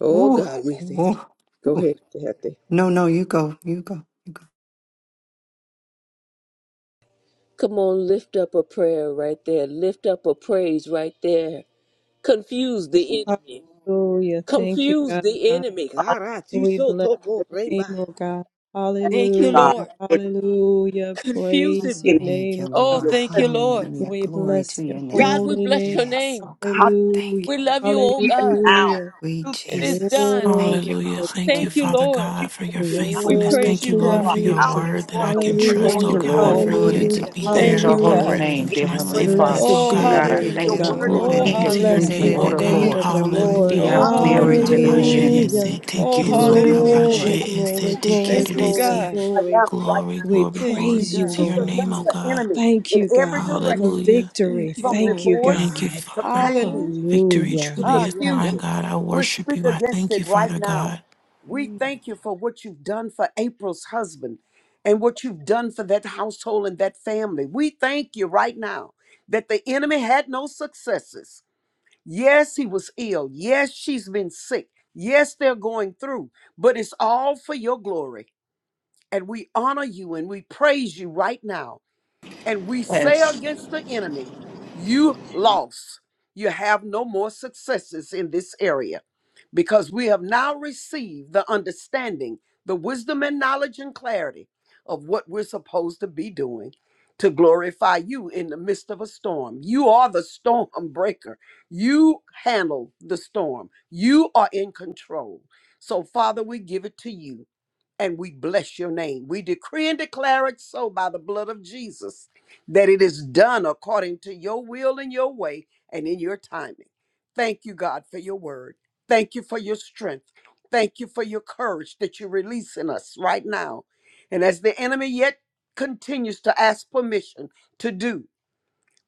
Speaker 3: Oh,
Speaker 1: Woo,
Speaker 3: God, we thank
Speaker 1: woo,
Speaker 3: you. Go
Speaker 1: woo.
Speaker 3: ahead, Kathy.
Speaker 1: No, no, you go. You go. You go.
Speaker 3: Come on, lift up a prayer right there. Lift up a praise right there. Confuse the enemy.
Speaker 6: Hallelujah. Thank you,
Speaker 3: Confuse
Speaker 6: God.
Speaker 3: the enemy.
Speaker 7: Father,
Speaker 3: God, I do
Speaker 6: We
Speaker 3: so
Speaker 6: bless
Speaker 3: toko
Speaker 7: thank
Speaker 6: your
Speaker 3: remba.
Speaker 6: name, oh God.
Speaker 3: Thank
Speaker 7: you,
Speaker 3: you,
Speaker 7: God, for
Speaker 6: Hallelujah.
Speaker 3: Lord.
Speaker 7: what
Speaker 6: Hallelujah.
Speaker 3: Confuse
Speaker 6: Praise
Speaker 3: him.
Speaker 7: you
Speaker 6: your
Speaker 7: can
Speaker 1: Thank
Speaker 6: name,
Speaker 1: you,
Speaker 6: oh
Speaker 3: Oh,
Speaker 6: God.
Speaker 1: Lord.
Speaker 7: do.
Speaker 3: thank you, Lord.
Speaker 1: Hallelujah.
Speaker 6: We
Speaker 1: Glory to
Speaker 6: bless
Speaker 1: your
Speaker 6: your
Speaker 7: We
Speaker 3: God, we
Speaker 1: name.
Speaker 6: holy
Speaker 3: bless
Speaker 6: name.
Speaker 3: your
Speaker 1: Yes,
Speaker 3: name.
Speaker 1: oh God. Thank
Speaker 6: Hallelujah.
Speaker 1: you.
Speaker 3: We love you, oh God.
Speaker 7: now
Speaker 6: Hallelujah.
Speaker 1: We
Speaker 7: to the
Speaker 3: It is
Speaker 1: Jesus.
Speaker 3: done.
Speaker 1: Thank
Speaker 6: Glory
Speaker 1: you,
Speaker 5: Hallelujah.
Speaker 6: to
Speaker 1: Lord.
Speaker 5: Thank you,
Speaker 3: Thank
Speaker 6: God.
Speaker 3: you,
Speaker 5: Father
Speaker 3: Lord.
Speaker 5: God, for your
Speaker 1: Yes.
Speaker 3: We
Speaker 5: faithfulness.
Speaker 6: Glory
Speaker 3: praise
Speaker 5: Thank
Speaker 3: you,
Speaker 6: to
Speaker 5: you,
Speaker 6: your
Speaker 5: Lord,
Speaker 3: God.
Speaker 2: Thank
Speaker 5: for
Speaker 7: rock.
Speaker 2: you,
Speaker 5: your
Speaker 6: name, God.
Speaker 5: word
Speaker 2: Jesus.
Speaker 5: that I
Speaker 3: And
Speaker 5: can
Speaker 3: we
Speaker 5: trust,
Speaker 2: Thank
Speaker 5: oh
Speaker 3: worship
Speaker 2: you,
Speaker 6: Hallelujah.
Speaker 3: you,
Speaker 5: God,
Speaker 2: Lord
Speaker 3: Lord.
Speaker 5: for
Speaker 2: God.
Speaker 1: Oh,
Speaker 5: you
Speaker 1: de
Speaker 5: to
Speaker 2: I
Speaker 1: de
Speaker 6: Hallelujah.
Speaker 5: be
Speaker 3: Thank
Speaker 2: praise
Speaker 5: there,
Speaker 1: kere
Speaker 2: your
Speaker 3: you,
Speaker 1: de
Speaker 5: my
Speaker 2: holy
Speaker 3: God.
Speaker 6: Hallelujah.
Speaker 1: kere
Speaker 2: name,
Speaker 1: de
Speaker 5: refuge,
Speaker 2: dear
Speaker 5: my
Speaker 7: Lord
Speaker 2: Heavenly
Speaker 5: safe
Speaker 1: bona de
Speaker 5: place,
Speaker 2: Father.
Speaker 5: oh
Speaker 6: Blessed
Speaker 3: Oh,
Speaker 6: be
Speaker 2: Lord
Speaker 5: God.
Speaker 6: your
Speaker 2: God,
Speaker 1: shere
Speaker 2: I
Speaker 1: de
Speaker 6: name, O
Speaker 3: hallelujah,
Speaker 1: kere
Speaker 2: thank you.
Speaker 3: Lord.
Speaker 6: God.
Speaker 1: more
Speaker 3: Oh,
Speaker 5: Glory
Speaker 1: de
Speaker 5: be
Speaker 2: King of
Speaker 5: to your
Speaker 2: kings
Speaker 6: Blessed
Speaker 1: kere
Speaker 3: hallelujah,
Speaker 2: and
Speaker 6: be
Speaker 1: de
Speaker 5: name,
Speaker 6: the
Speaker 2: Lord
Speaker 1: de
Speaker 5: oh
Speaker 3: Lord.
Speaker 2: of
Speaker 5: God.
Speaker 6: name
Speaker 1: de
Speaker 6: of the
Speaker 1: kere more.
Speaker 2: lords.
Speaker 6: Lord.
Speaker 5: Hallelujah.
Speaker 2: Be
Speaker 5: Oh
Speaker 7: God,
Speaker 3: Oh,
Speaker 2: after
Speaker 5: God,
Speaker 2: the
Speaker 1: Glory to
Speaker 2: Omega,
Speaker 3: hallelujah,
Speaker 2: the
Speaker 1: your
Speaker 3: Lord.
Speaker 2: beginning
Speaker 1: name.
Speaker 5: Rabashe,
Speaker 2: and the
Speaker 5: Ese,
Speaker 6: Hallelujah.
Speaker 2: end. Thank
Speaker 3: Oh,
Speaker 5: Teke,
Speaker 1: Glory,
Speaker 2: you,
Speaker 3: hallelujah,
Speaker 1: glory,
Speaker 6: Glory,
Speaker 3: Lord.
Speaker 1: glory.
Speaker 5: Sorabashe, Ese,
Speaker 6: glory,
Speaker 5: Teke,
Speaker 7: that
Speaker 6: glory,
Speaker 7: is
Speaker 3: Thank you,
Speaker 6: glory,
Speaker 7: attacking
Speaker 5: Deresi.
Speaker 3: God.
Speaker 6: glory.
Speaker 7: Atlanta right
Speaker 5: Glory,
Speaker 7: now.
Speaker 6: We
Speaker 5: glory,
Speaker 3: Thank
Speaker 5: glory
Speaker 3: you,
Speaker 6: praise
Speaker 5: be
Speaker 6: you,
Speaker 5: to
Speaker 7: Speak
Speaker 3: God.
Speaker 5: your
Speaker 6: Lord.
Speaker 5: name,
Speaker 7: against
Speaker 5: oh
Speaker 7: the
Speaker 3: Mm.
Speaker 5: God.
Speaker 7: enemy
Speaker 6: Thank
Speaker 7: in
Speaker 6: you,
Speaker 7: every
Speaker 6: God, for
Speaker 7: direction.
Speaker 5: Hallelujah.
Speaker 6: victory.
Speaker 3: Thank you,
Speaker 7: from
Speaker 6: Thank
Speaker 3: Lord.
Speaker 6: you,
Speaker 7: divorce
Speaker 5: Thank you,
Speaker 6: God.
Speaker 7: to
Speaker 5: Father.
Speaker 7: pain
Speaker 3: Hallelujah.
Speaker 5: Victory
Speaker 7: to
Speaker 6: Hallelujah.
Speaker 5: truly
Speaker 3: Ah,
Speaker 5: is
Speaker 3: yeah,
Speaker 5: mine,
Speaker 7: confusion.
Speaker 3: God.
Speaker 5: God. I
Speaker 7: We
Speaker 5: worship
Speaker 7: speak
Speaker 5: you. I
Speaker 7: against
Speaker 5: thank you,
Speaker 7: it right
Speaker 5: Father
Speaker 7: now.
Speaker 5: God.
Speaker 7: We
Speaker 3: Mm.
Speaker 7: thank you for what you've done for April's husband and what you've done for that household and that family. We thank you right now that the enemy had no successes. Yes, he was ill. Yes, she's been sick. Yes, they're going through, but it's all for your glory. And we honor you and we praise you right now and we say
Speaker 2: Jesus.
Speaker 7: against the enemy, You lost. You have no more successes in this area because we have now received the understanding, the wisdom and knowledge and clarity of what we're supposed to be doing to glorify you in the midst of a storm. You are the storm breaker. You handle the storm. You are in control. So, Father, we give it to you and we bless your name. We decree and declare it so by the blood of Jesus that it is done according to your will and your way and in your timing. Thank you, God, for your word. Thank you for your strength. Thank you for your courage that you're releasing us right now. And as the enemy yet continues to ask permission to do,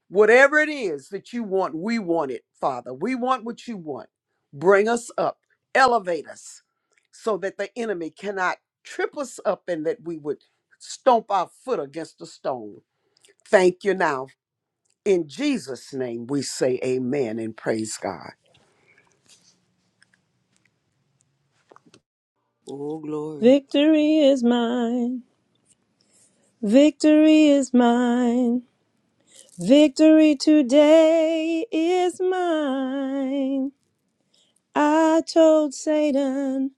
Speaker 7: Whatever it is that you want, we want it, Father. We want what you want. Bring us up, elevate us, so that the enemy cannot trip us up and that we would stomp our foot against a stone. Thank you now. In Jesus' name, we say amen and praise God.
Speaker 3: Oh, glory.
Speaker 6: Victory is mine. Victory is mine. Victory today is mine. I told Satan.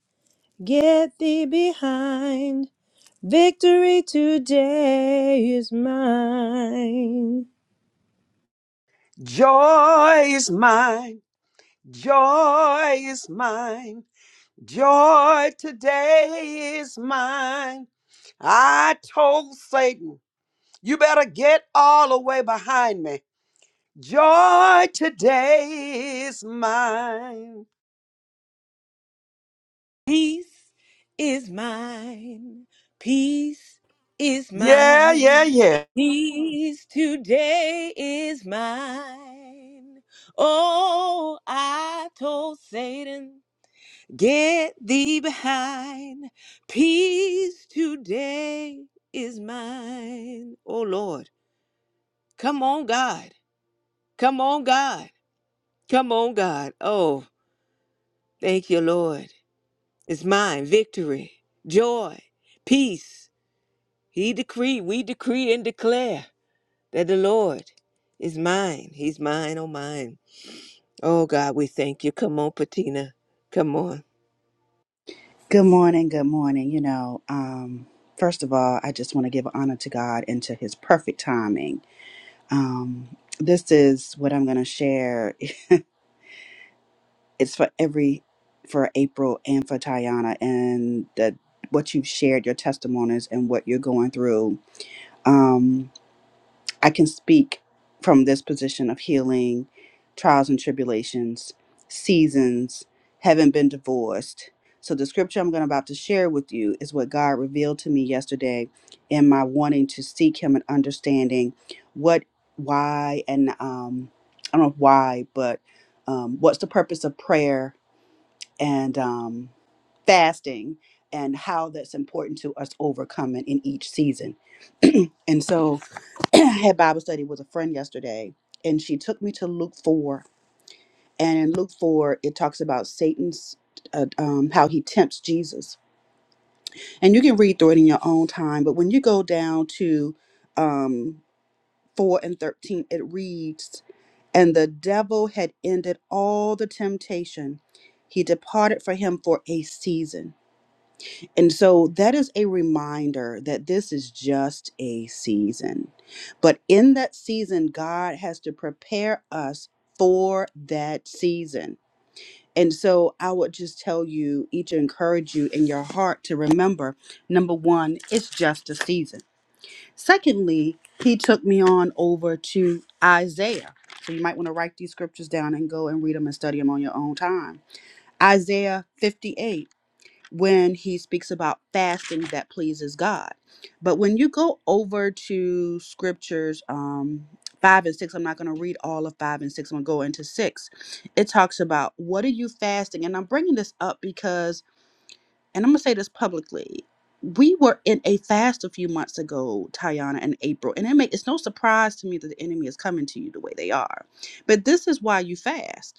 Speaker 6: Get thee behind. Victory today is mine.
Speaker 7: Joy is mine. Joy is mine. Joy today is mine. I told Satan. You better get all the way behind me. Joy today is mine.
Speaker 3: Peace is mine. Peace is
Speaker 7: Yeah, yeah,
Speaker 3: mine.
Speaker 7: yeah.
Speaker 3: Peace today is mine. Oh, I told Satan, get thee behind. Peace today is mine. Oh, Lord. Come on, God. Come on, God. Come on, God. Oh, thank you, Lord. It's mine. Victory, joy, peace. He decreed, we decree and declare that the Lord is mine. He's mine, oh mine. Oh God, we thank you. Come on, Patina. Come on.
Speaker 8: Good morning. Good morning. You know, um, first of all, I just want to give honor to God and to His perfect timing. Um, this is what I'm going to share. It's for every, for April and for Tayana, and that what you've shared, your testimonies, and what you're going through. Um, I can speak from this position of healing, trials and tribulations, seasons, having been divorced. So the scripture I'm going about to share with you is what God revealed to me yesterday in my wanting to seek him and understanding what why and um I don't know why, but um what's the purpose of prayer and um fasting and how that's important to us overcoming in each season. [CLEARS THROAT] and so [CLEARS THROAT] had Bible study with a friend yesterday, and she took me to Luke 4. And in Luke 4, it talks about Satan's, uh, um, how he tempts Jesus. And you can read through it in your own time, but when you go down to um, 4 and 13, it reads, And the devil had ended all the temptation. He departed for him for a season. And so that is a reminder that this is just a season. But in that season, God has to prepare us for that season. And so I would just tell you, each encourage you in your heart to remember number one, it's just a season. Secondly, he took me on over to Isaiah. So you might want to write these scriptures down and go and read them and study them on your own time. Isaiah 58 when he speaks about fasting that pleases God. But when you go over to scriptures, um, five and six, I'm not going to read all of five and six, I'm going to go into six. It talks about what are you fasting? And I'm bringing this up because, and I'm going to say this publicly. We were in a fast a few months ago, Tayana and April, and it make, it's no surprise to me that the enemy is coming to you the way they are. But this is why you fast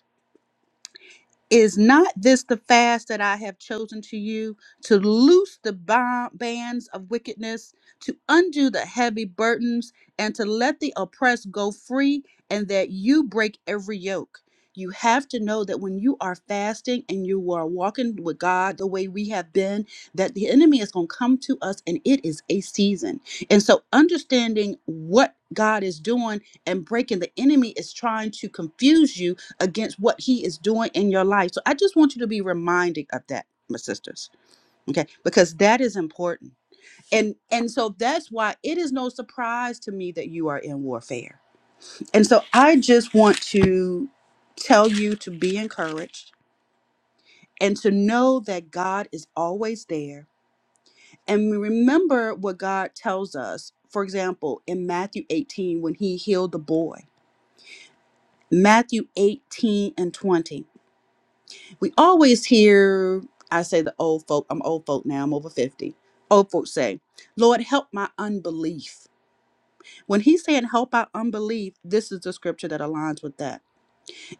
Speaker 8: is not this the fast that I have chosen to you to loose the ba- bands of wickedness, to undo the heavy burdens, and to let the oppressed go free, and that you break every yoke? You have to know that when you are fasting and you are walking with God the way we have been, that the enemy is going to come to us and it is a season. And so, understanding what God is doing and breaking the enemy is trying to confuse you against what he is doing in your life. So I just want you to be reminded of that, my sisters. Okay? Because that is important. And and so that's why it is no surprise to me that you are in warfare. And so I just want to tell you to be encouraged and to know that God is always there. And remember what God tells us. For example, in Matthew 18 when he healed the boy. Matthew 18 and 20. we always hear i say the old folk i'm old folk now i'm over 50 old folks say lord help my unbelief when he's saying help our unbelief this is the scripture that aligns with that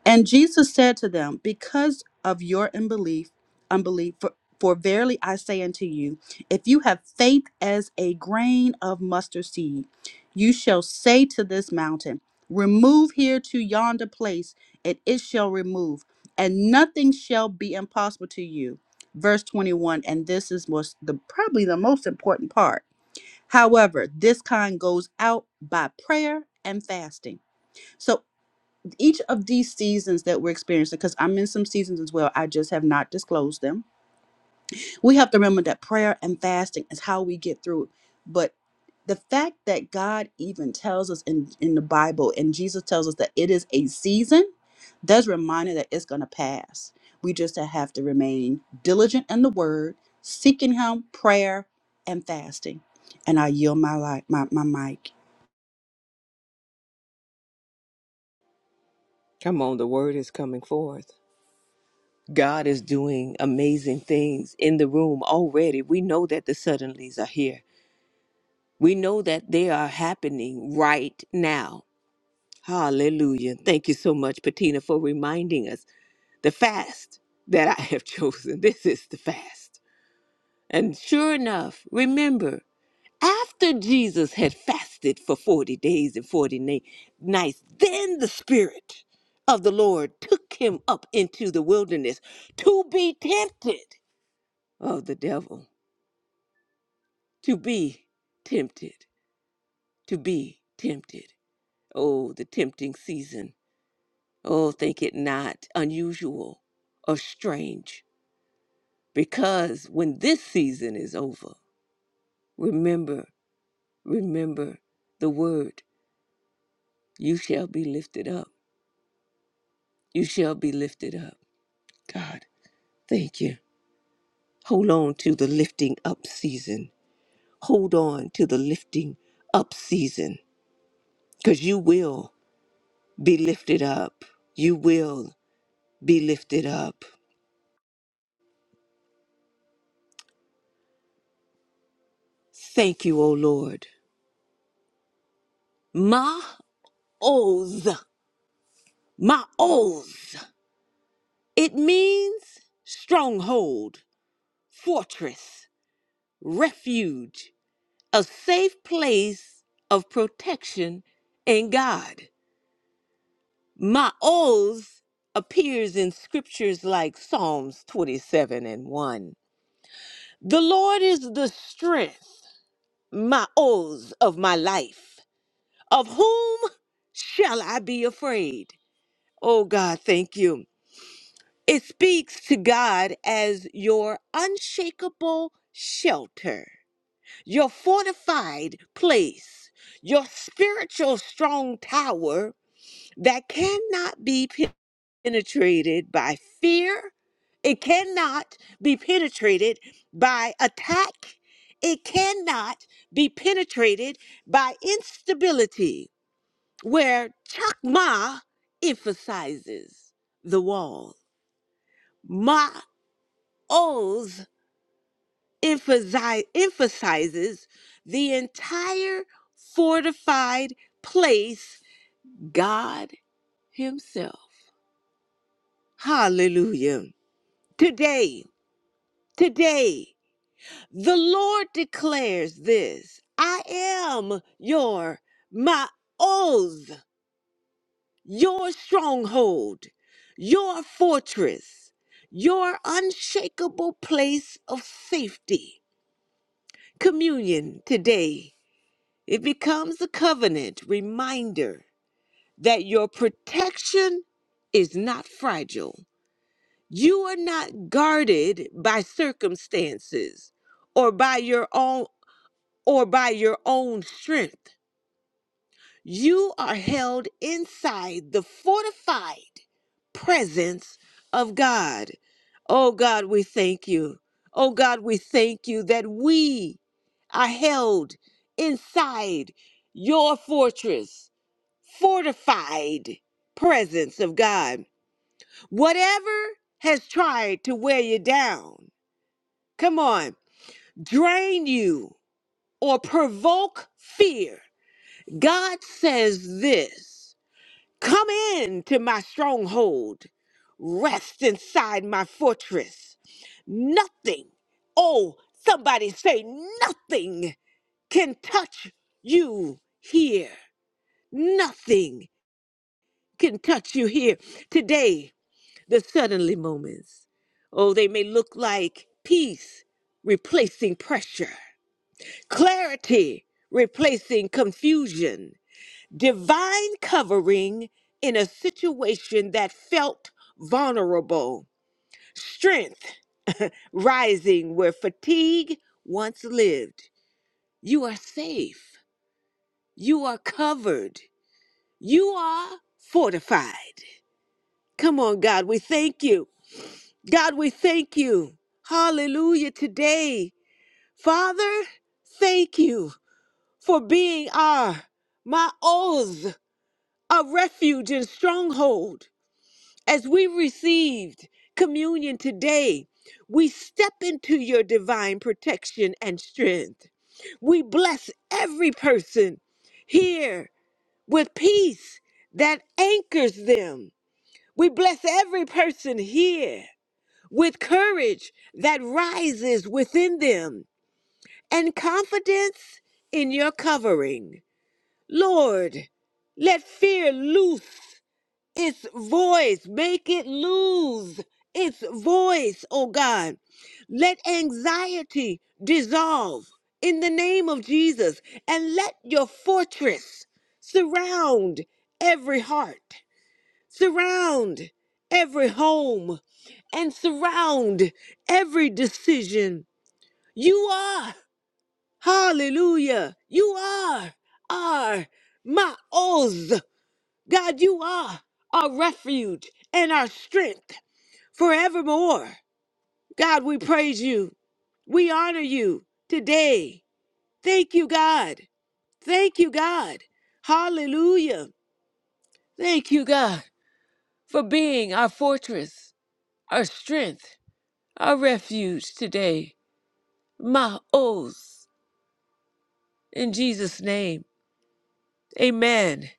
Speaker 8: and Jesus said to them, Because of your unbelief, unbelief, for, for verily I say unto you, if you have faith as a grain of mustard seed, you shall say to this mountain, Remove here to yonder place, and it shall remove, and nothing shall be impossible to you. Verse 21, and this is was the probably the most important part. However, this kind goes out by prayer and fasting. So each of these seasons that we're experiencing, because I'm in some seasons as well, I just have not disclosed them. We have to remember that prayer and fasting is how we get through. it. But the fact that God even tells us in, in the Bible and Jesus tells us that it is a season, that's a reminder that it's going to pass. We just have to remain diligent in the word, seeking Him, prayer, and fasting. And I yield my, li- my, my mic.
Speaker 3: Come on, the word is coming forth. God is doing amazing things in the room already. We know that the suddenlies are here. We know that they are happening right now. Hallelujah. Thank you so much, Patina, for reminding us the fast that I have [LAUGHS] chosen. This is the fast. And sure enough, remember. After Jesus had fasted for 40 days and 40 na- nights, then the Spirit of the Lord took him up into the wilderness to be tempted of the devil, to be tempted, to be tempted. Oh, the tempting season. Oh, think it not unusual or strange, because when this season is over, remember, remember the word, you shall be lifted up. you shall be lifted up. God, thank you. Hold on to the lifting up season. Hold on to the lifting up season because you will be lifted up. You will be lifted up. Thank you, O Lord. Ma oz. Ma oz. It means stronghold, fortress, refuge, a safe place of protection in God. My oaths appears in scriptures like Psalms 27 and 1. The Lord is the strength, my oaths of my life. Of whom shall I be afraid? Oh God, thank you. It speaks to God as your unshakable shelter, your fortified place, your spiritual strong tower that cannot be penetrated by fear. It cannot be penetrated by attack. It cannot be penetrated by instability, where Chakma emphasizes the wall. Ma'oz emphasi- emphasizes the entire fortified place, God Himself. Hallelujah. Today, today. The Lord declares this I am your, my oath, your stronghold, your fortress, your unshakable place of safety. Communion today, it becomes a covenant reminder that your protection is not fragile. You are not guarded by circumstances or by your own or by your own strength. You are held inside the fortified presence of God. Oh God, we thank you. Oh God, we thank you that we are held inside your fortress, fortified presence of God. Whatever has tried to wear you down, come on, drain you or provoke fear God says this Come in to my stronghold, rest inside my fortress. Nothing, oh, somebody say, nothing can touch you here. Nothing can touch you here. Today, the suddenly moments, oh, they may look like peace replacing pressure, clarity replacing confusion divine covering in a situation that felt vulnerable, strength rising where fatigue once lived. You are safe. You are covered. You are fortified. Come on, God, we thank you. God, we thank you. Hallelujah today. Father, thank you for being our, my oaths, a refuge and stronghold. As we received communion today, we step into your divine protection and strength. We bless every person here with peace that anchors them. We bless every person here with courage that rises within them and confidence in your covering. Lord, let fear loose its voice, make it lose its voice, oh God. Let anxiety dissolve in the name of Jesus and let your fortress surround every heart, surround every home, and surround every decision. You are, hallelujah, you are, are my Oz. God, you are our refuge and our strength forevermore. God, we praise you. We honor you today. Thank you, God. Thank you, God. Hallelujah. Thank you, God, for being our fortress, our strength, our refuge today. My oaths. In Jesus' name, amen,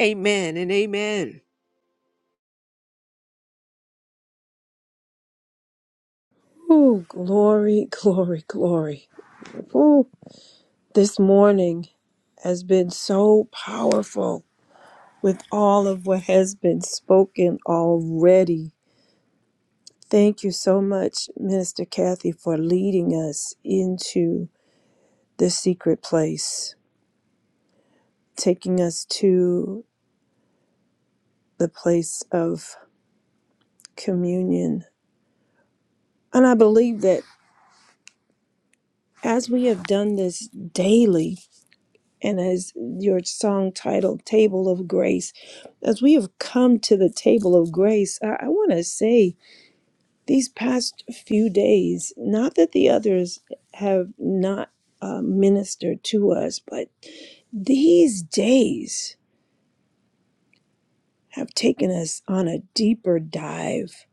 Speaker 3: amen, and amen.
Speaker 6: Ooh, glory, glory, glory. Ooh, this morning has been so powerful with all of what has been spoken already. Thank you so much, Minister Kathy, for leading us into the secret place, taking us to the place of communion. And I believe that As we have done this daily, and as your song titled Table of Grace, as we have come to the table of grace, I, I want to say these past few days, not that the others have not uh, ministered to us, but these days have taken us on a deeper dive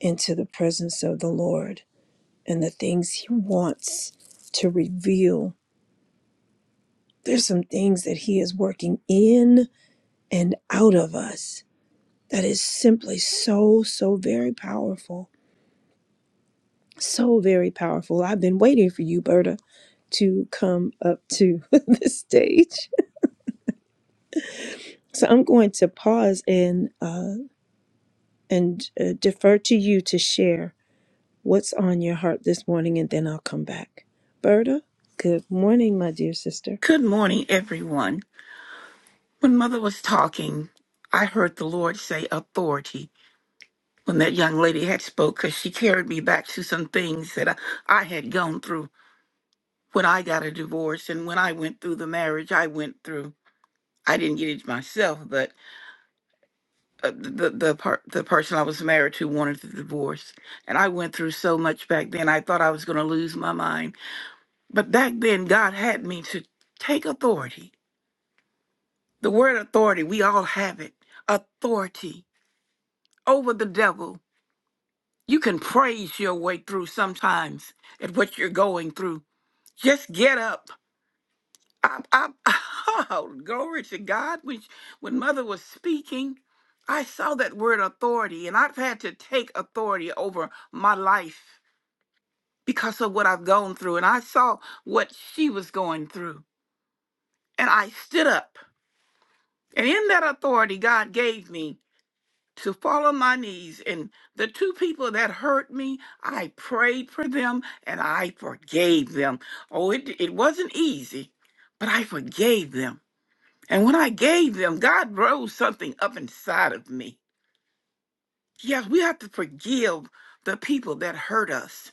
Speaker 6: into the presence of the Lord and the things He wants to reveal. There's some things that He is working in and out of us that is simply so, so very powerful. So very powerful. I've been waiting for you, Berta, to come up to [LAUGHS] the stage. So I'm going to pause and uh, and uh, defer to you to share what's on your heart this morning, and then I'll come back. Berta, good morning, my dear sister.
Speaker 9: Good morning, everyone. When Mother was talking, I heard the Lord say authority when that young lady had spoke because she carried me back to some things that I, I had gone through when I got a divorce and when I went through the marriage I went through. I didn't get it myself, but uh, the the per- the person I was married to wanted the divorce, and I went through so much back then. I thought I was going to lose my mind, but back then God had me to take authority. The word authority, we all have it. Authority over the devil. You can praise your way through sometimes at what you're going through. Just get up. I, I, [LAUGHS] oh, glory to God. When, when Mother was speaking, I saw that word authority, and I've had to take authority over my life because of what I've gone through. And I saw what she was going through, and I stood up. And in that authority God gave me, to fall on my knees. And the two people that hurt me, I prayed for them and I forgave them. Oh, it, it wasn't easy, but I forgave them. And when I gave them, God rose something up inside of me. Yes, we have to forgive the people that hurt us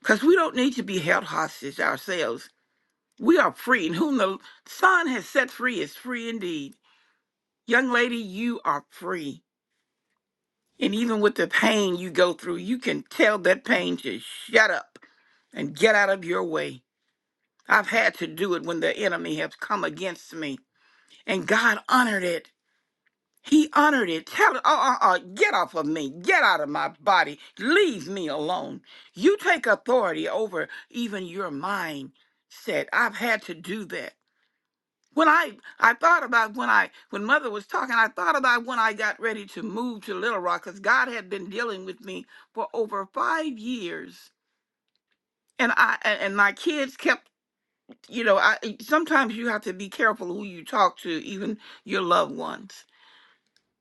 Speaker 9: because we don't need to be held hostage ourselves. We are free, and whom the Son has set free is free indeed. Young lady, you are free. And even with the pain you go through, you can tell that pain to shut up and get out of your way. I've had to do it when the enemy has come against me. And God honored it. He honored it. Tell it, uh, uh, uh, get off of me. Get out of my body. Leave me alone. You take authority over even your mindset. I've had to do that when I I thought about when I when mother was talking, I thought about when I got ready to move to Little Rock because God had been dealing with me for over five years, and I and and my kids kept you know I e, sometimes you have to be careful who you talk to, even your loved ones.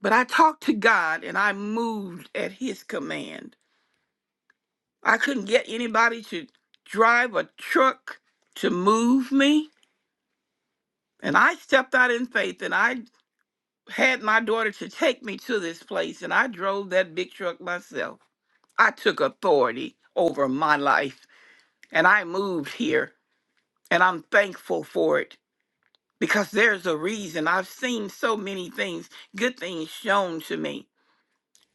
Speaker 9: But I talked to God and I moved at His command. I couldn't get anybody to drive a truck to move me, and I stepped out in faith, and I. had my daughter to take me to this place, and I drove that big truck myself. I took authority over my life, and I moved here, and I'm thankful for it because there's a reason. I've seen so many things, good things shown to me.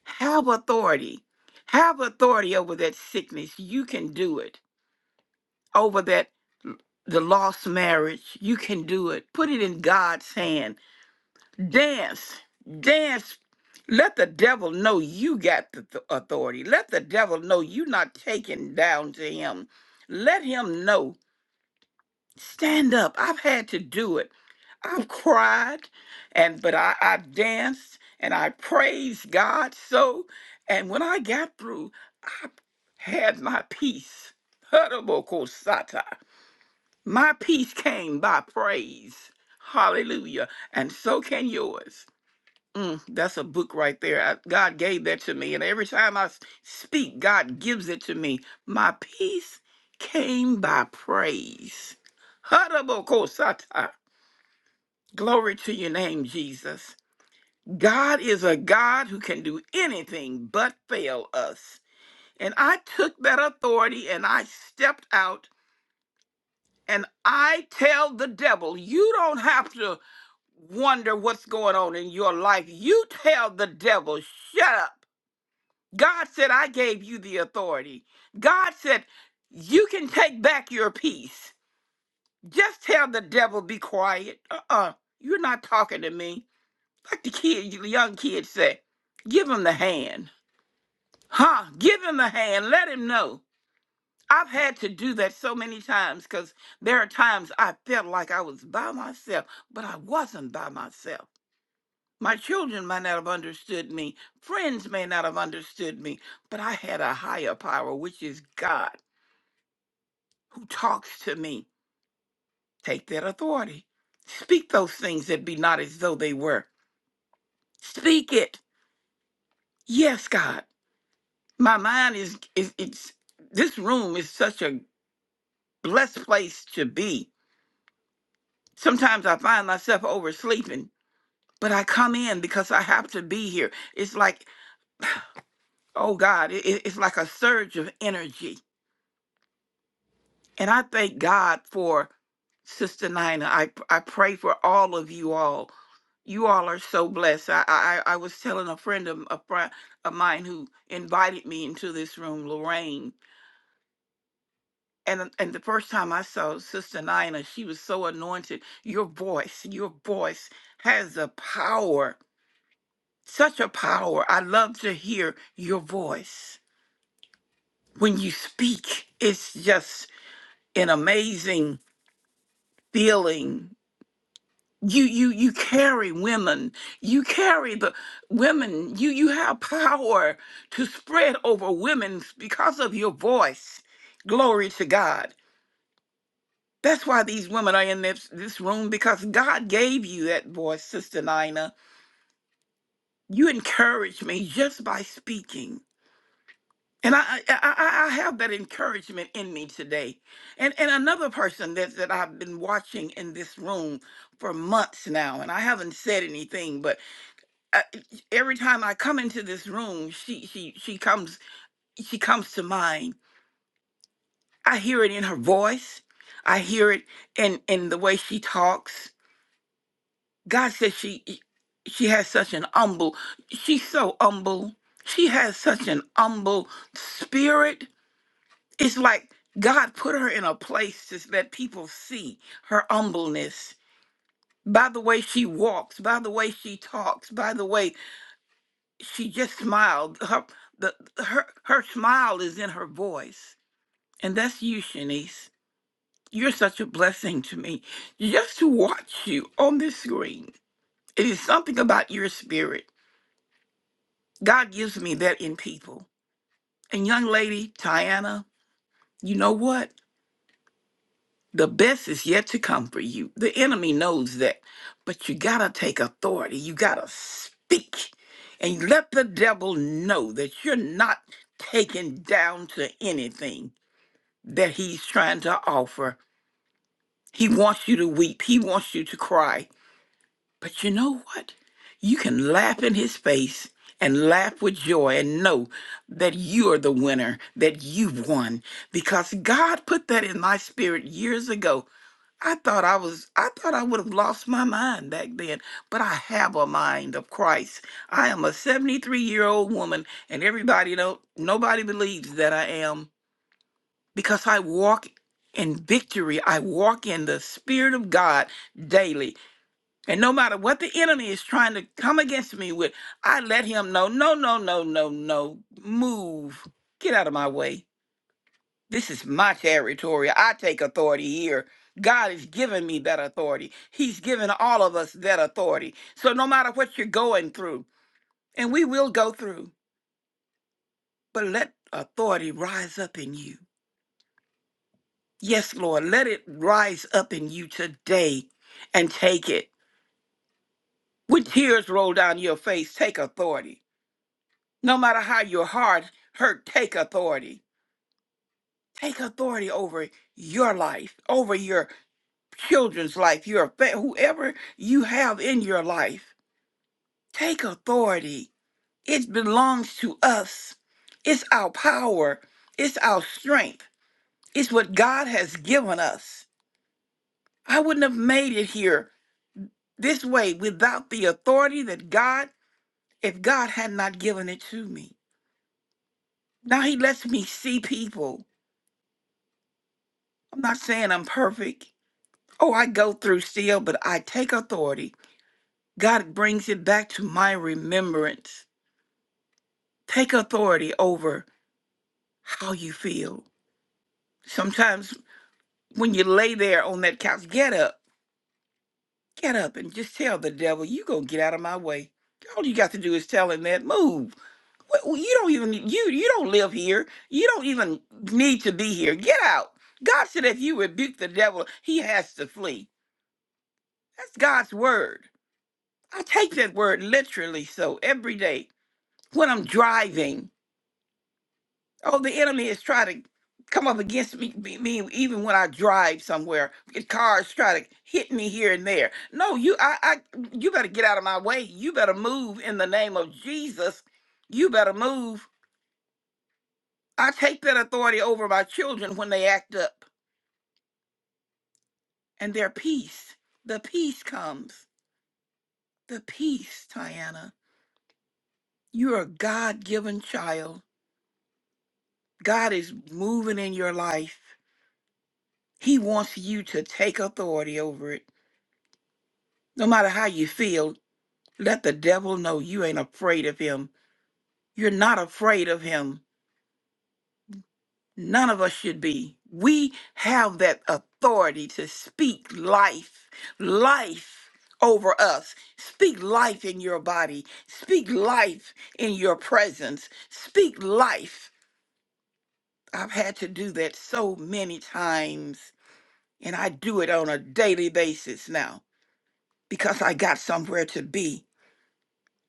Speaker 9: Have authority. Have authority over that sickness. You can do it. Over that the lost marriage, you can do it. Put it in God's hand Dance, dance. Let the devil know you got the th- authority. Let the devil know you're not taken down to him. Let him know. Stand up. I've had to do it. I've cried, and but I, I danced and I praised God so. And when I got through, I had my peace. Hurabokosata. My peace came by praise. Hallelujah. And so can yours. Mm, that's a book right there. I, God gave that to me. And every time I s- speak, God gives it to me. My peace came by praise. Harabokosata. Glory to your name, Jesus. God is a God who can do anything but fail us. And I took that authority and I stepped out and I tell the devil, you don't have to wonder what's going on in your life. You tell the devil, shut up God said, I gave you the authority. God said, you can take back your peace. Just tell the devil, be quiet. Uh uh uh, you are not talking to me. Like the kid, the young kid said, give him the hand. Huh? Give him the hand. Let him know. I've had to do that so many times because there are times I felt like I was by myself, but I wasn't by myself. My children might not have understood me. Friends may not have understood me, but I had a higher power, which is God, who talks to me. Take that authority. Speak those things that be not as though they were. Speak it. Yes, God. My mind is, is it's this room is such a blessed place to be. Sometimes I find myself oversleeping, but I come in because I have to be here. It's like, oh God, it, it- it's like a surge of energy And I thank God for Sister Nina. I, I pray for all of you all. You all are so blessed. I, I, I was telling a friend of, a friend of mine who invited me into this room, Lorraine. And, and the first time I saw Sister Nina, she was so anointed. Your voice, your voice has a power, such a power. I love to hear your voice. When you speak, it's just an amazing feeling you you you carry women you carry the women you you have power to spread over women because of your voice glory to god that's why these women are in this this room because god gave you that voice sister nina you encourage me just by speaking and I, I I I- I have that encouragement in me today, and and another person that that I've been watching in this room for months now, and I haven't said anything, but uh, every time I come into this room, she she she comes she comes to mind. I hear it in her voice. I hear it in in the way she talks. God says she she has such an humble. She's so humble. She has such an humble spirit. It's like God put her in a place to let people see her humbleness by the way she walks, by the way she talks, by the way she just smiled. Her the her her smile is in her voice, and that's you, Shanice. You're such a blessing to me. Just to watch you on this screen, it is something about your spirit. God gives me that in people. And young lady, Tiana, you know what? The best is yet to come for you. The enemy knows that, but you gotta take authority. You gotta speak, and you let the devil know that you're not taken down to anything that he's trying to offer. He wants you to weep, he wants you to cry. But you know what? You can laugh in his face and laugh with joy and know that you are the winner, that you've won because God put that in my spirit years ago. I thought I was I thought I would have lost my mind back then, but I have a mind of Christ. I am a 73-year-old woman and everybody don't nobody believes that I am because I walk in victory. I walk in the Spirit of God daily. And no matter what the enemy is trying to come against me with, I let him know no, no, no, no, no, move. Get out of my way. This is my territory. I take authority here. God has given me that authority. He's given all of us that authority. So no matter what you're going through, and we will go through, but let authority rise up in you Yes, Lord, let it rise up in you today and take it. With tears roll down your face, take authority. No matter how your heart hurt, take authority. Take authority over your life, over your children's life, your fa- whoever you have in your life. Take authority. It belongs to us. It's our power. It's our strength. It's what God has given us. I wouldn't have made it here this way without the authority that God, if God had not given it to me. Now He lets me see people. I'm not saying I'm perfect. Oh, I go through still, but I take authority. God brings it back to my remembrance. Take authority over how you feel. Sometimes when you lay there on that couch, get up, get up, and just tell the devil, you going to get out of my way. All you got to do is tell him that, move. Wh- you don't even you you don't live here you don't even need to be here get out god said if you rebuke the devil he has to flee that's god's word i take that word literally so every day when i'm driving oh the enemy is trying to come up against me, me me even when i drive somewhere cars try to hit me here and there no you I, I you better get out of my way you better move in the name of jesus you better move I take that authority over my children when they act up and their peace. The peace comes. The peace, Tiana. You're a God given child. God is moving in your life. He wants you to take authority over it. No matter how you feel, let the devil know you ain't afraid of him. You're not afraid of him. None of us should be. We have that authority to speak life, life over us. Speak life in your body, speak life in your presence, speak life. I've had to do that so many times, and I do it on a daily basis now because I got somewhere to be.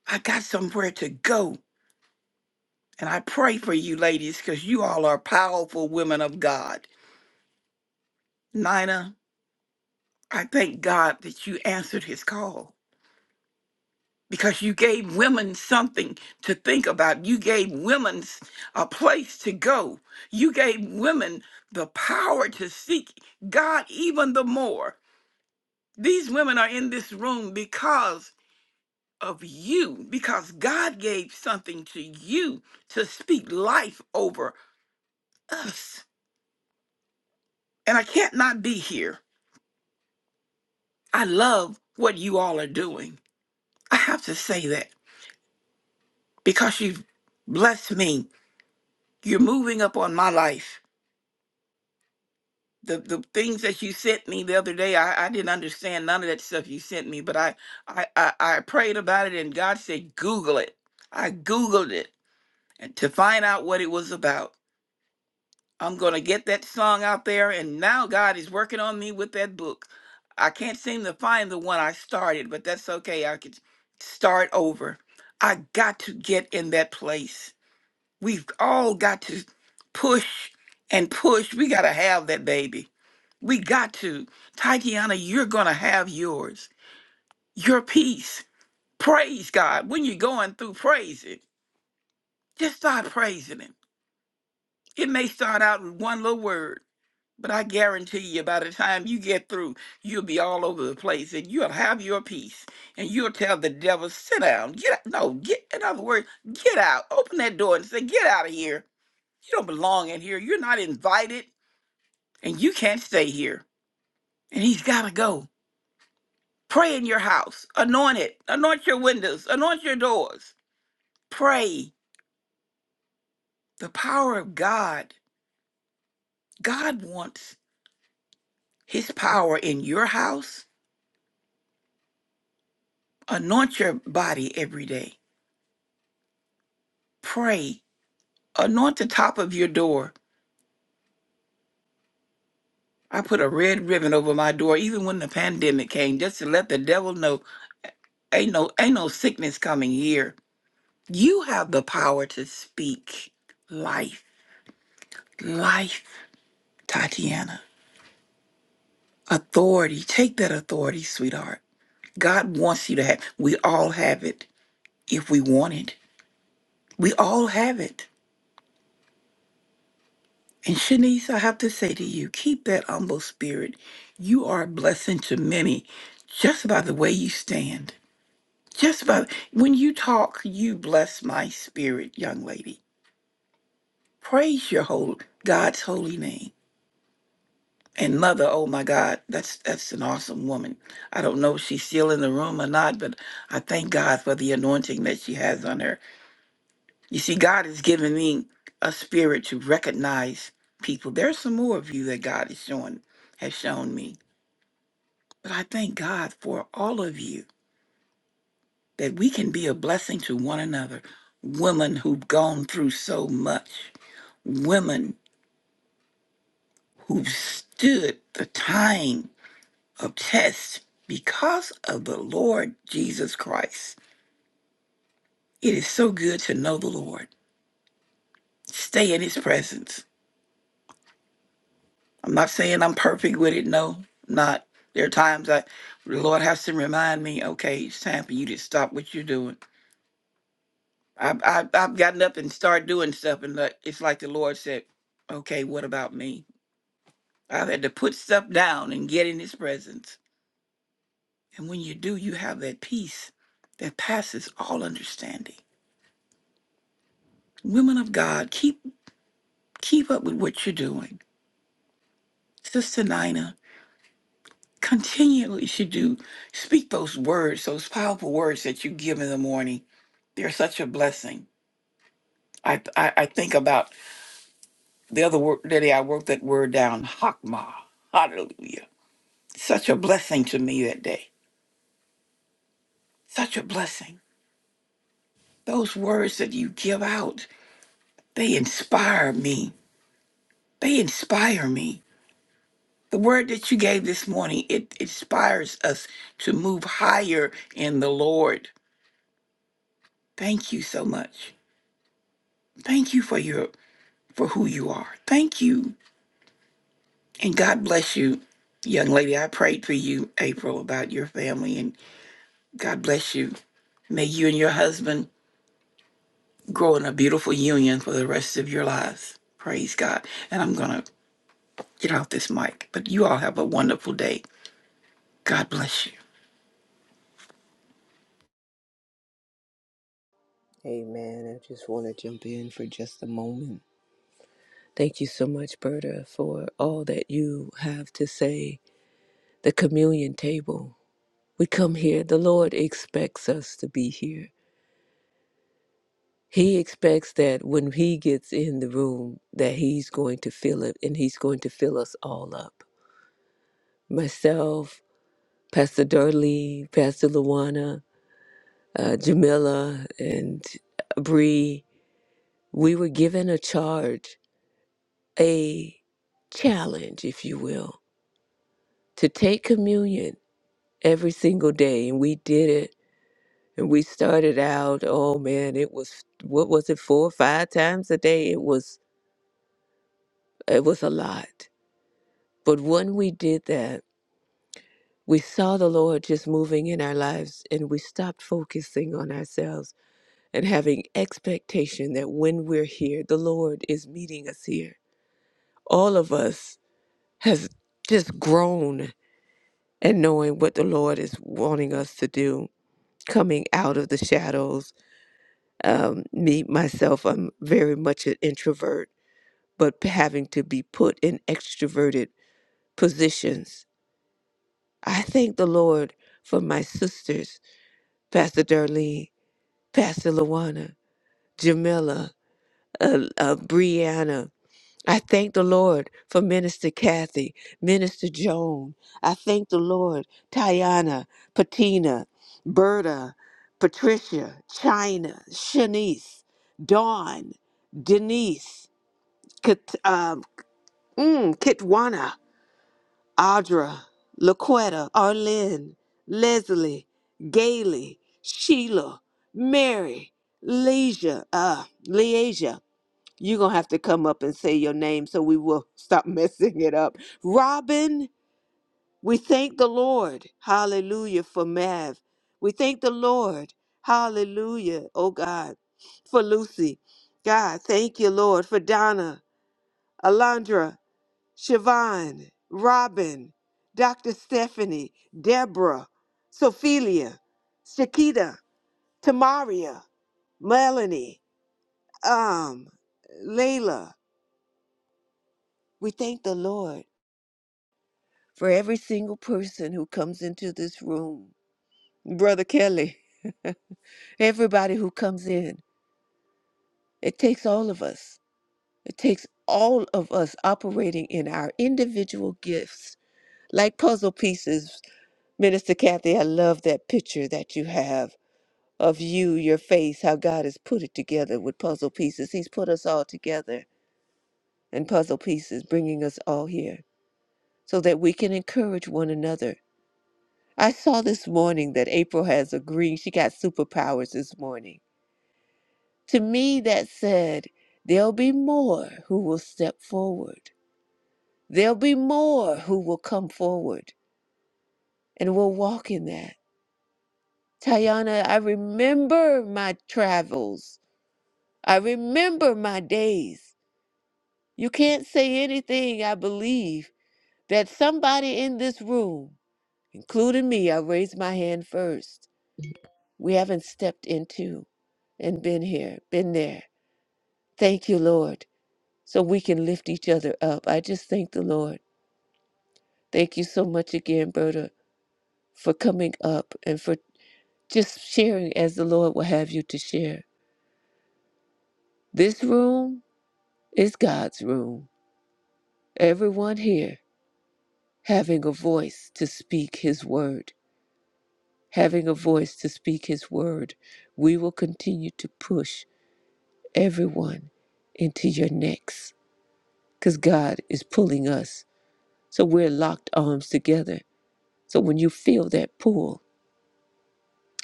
Speaker 9: I got somewhere to go. And I pray for you ladies because you all are powerful women of God. Nina, I thank God that you answered his call because you gave women something to think about. You gave women s- a place to go. You gave women the power to seek God even the more. These women are in this room because of you, because God gave something to you to speak life over us. And I can't not be here. I love what you all are doing. I have to say that because you've blessed me You're moving up on my life. The the things that you sent me the other day, I, I didn't understand none of that stuff you sent me, but I, I I I prayed about it and God said, Google it. I Googled it and to find out what it was about. I'm gonna get that song out there and now God is working on me with that book. I can't seem to find the one I started, but that's okay. I could start over. I got to get in that place. We've all got to push and push. We got to have that baby. We got to. Tatiana, you're going to have yours, your peace. Praise God. When you're going through, praise it. Just start praising Him. It may start out with one little word, but I guarantee you by the time you get through, you'll be all over the place and you'll have your peace. And you'll tell the devil, sit down, get out. No, get, in other words, get out. Open that door and say, get out of here. You don't belong in here. You're not invited. and you can't stay here. And he's got to go. Pray in your house. Anoint it. Anoint your windows. Anoint your doors. Pray. The power of God. God wants his power in your house. Anoint your body every day. Pray. Anoint the top of your door. I put a red ribbon over my door even when the pandemic came just to let the devil know ain't no ain't no sickness coming here. You have the power to speak life. Life, Tatiana Authority. Take that authority, sweetheart. God wants you to have. We all have it if we want it. We all have it. And Shanice, I have to say to you, keep that humble spirit. You are a blessing to many just by the way you stand. Just by when you talk, you bless my spirit, young lady. Praise your whole God's holy name. and mother oh my god that's that's an awesome woman i don't know if she's still in the room or not but i thank god for the anointing that she has on her you see god has given me a spirit to recognize people there's some more of you that god is showing has shown me but i thank god for all of you that we can be a blessing to one another women who've gone through so much women who've stood the time of tests because of the Lord Jesus Christ. It is so good to know the Lord. Stay in his presence. I'm not saying I'm perfect with it. No, I'm not. There are times I, the Lord has to remind me, okay, it's time for you to stop what you're doing. I've, I've, I've gotten up and started doing stuff, and like- it's like the Lord said, okay, what about me? I've had to put stuff down and get in his presence. And when you do, you have that peace that passes all understanding. Women of God, keep Keep up with what you're doing. Sister Nina, continually should do. Speak those words, those powerful words that you give in the morning. They're such a blessing. I, I, I think about the other word, the day I wrote that word down, Hakma. Hallelujah. Such a blessing to me that day. Such a blessing. Those words that you give out, they inspire me. They inspire me. The word that you gave this morning, it inspires us to move higher in the Lord. Thank you so much. Thank you for your for who you are. Thank you. And God bless you, young lady. I prayed for you, April, about your family and God bless you. May you and your husband grow in a beautiful union for the rest of your lives. Praise God. And I'm gonna get off this mic. But you all have a wonderful day. God bless you.
Speaker 3: Amen. I just want to jump in for just a moment. Thank you so much, Berta, for all that you have to say. The communion table. We come here, the Lord expects us to be here. He expects that when he gets in the room that he's going to fill it and he's going to fill us all up. Myself, Pastor Darlene, Pastor Luana, uh, Jamila, and Bree, we were given a charge, a challenge, if you will, to take communion every single day and we did it and we started out oh man it was what was it four or five times a day it was it was a lot but when we did that we saw the lord just moving in our lives and we stopped focusing on ourselves and having expectation that when we're here the lord is meeting us here all of us has just grown and knowing what the lord is wanting us to do coming out of the shadows Um, me, myself, I'm very much an introvert, but having to be put in extroverted positions. I thank the Lord for my sisters, Pastor Darlene, Pastor Luana, Jamila, uh, uh, Brianna. I thank the Lord for Minister Kathy, Minister Joan. I thank the Lord, Tiana, Patina, Berta, Patricia, China, Shanice, Dawn, Denise, Kat, um, mm, Kitwana, Audra, Laquetta, Arlene, Leslie, Gailey, Sheila, Mary, Leisha, uh, Leasia. You're going to have to come up and say your name so we will stop [LAUGHS] messing it up. Robin, we thank the Lord. Hallelujah for Mav. We thank the Lord. Hallelujah. Oh God, for Lucy. God, thank you, Lord, for Donna, Alondra. Siobhan, Robin, Dr. Stephanie, Deborah, Sophelia, Shakita, Tamaria, Melanie, um, Layla. We thank the Lord for every single person who comes into this room. Brother Kelly, everybody who comes in. It takes all of us. It takes all of us operating in our individual gifts like puzzle pieces. Minister Kathy, I love that picture that you have of you, your face, how God has put it together with puzzle pieces. He's put us all together in puzzle pieces, bringing us all here so that we can encourage one another. I saw this morning that April has a green, she got superpowers this morning. To me, that said, there'll be more who will step forward. There'll be more who will come forward and will walk in that. Tayana, I remember my travels. I remember my days. You can't say anything, I believe, that somebody in this room, including me, I raised my hand first. We haven't stepped into and been here, been there. Thank you, Lord, so we can lift each other up. I just thank the Lord. Thank you so much again, Berta, for coming up and for just sharing as the Lord will have you to share. This room is God's room. Everyone here having a voice to speak His word. having a voice to speak His word. We will continue to push everyone into your next because God is pulling us. So we're locked arms together. So when you feel that pull,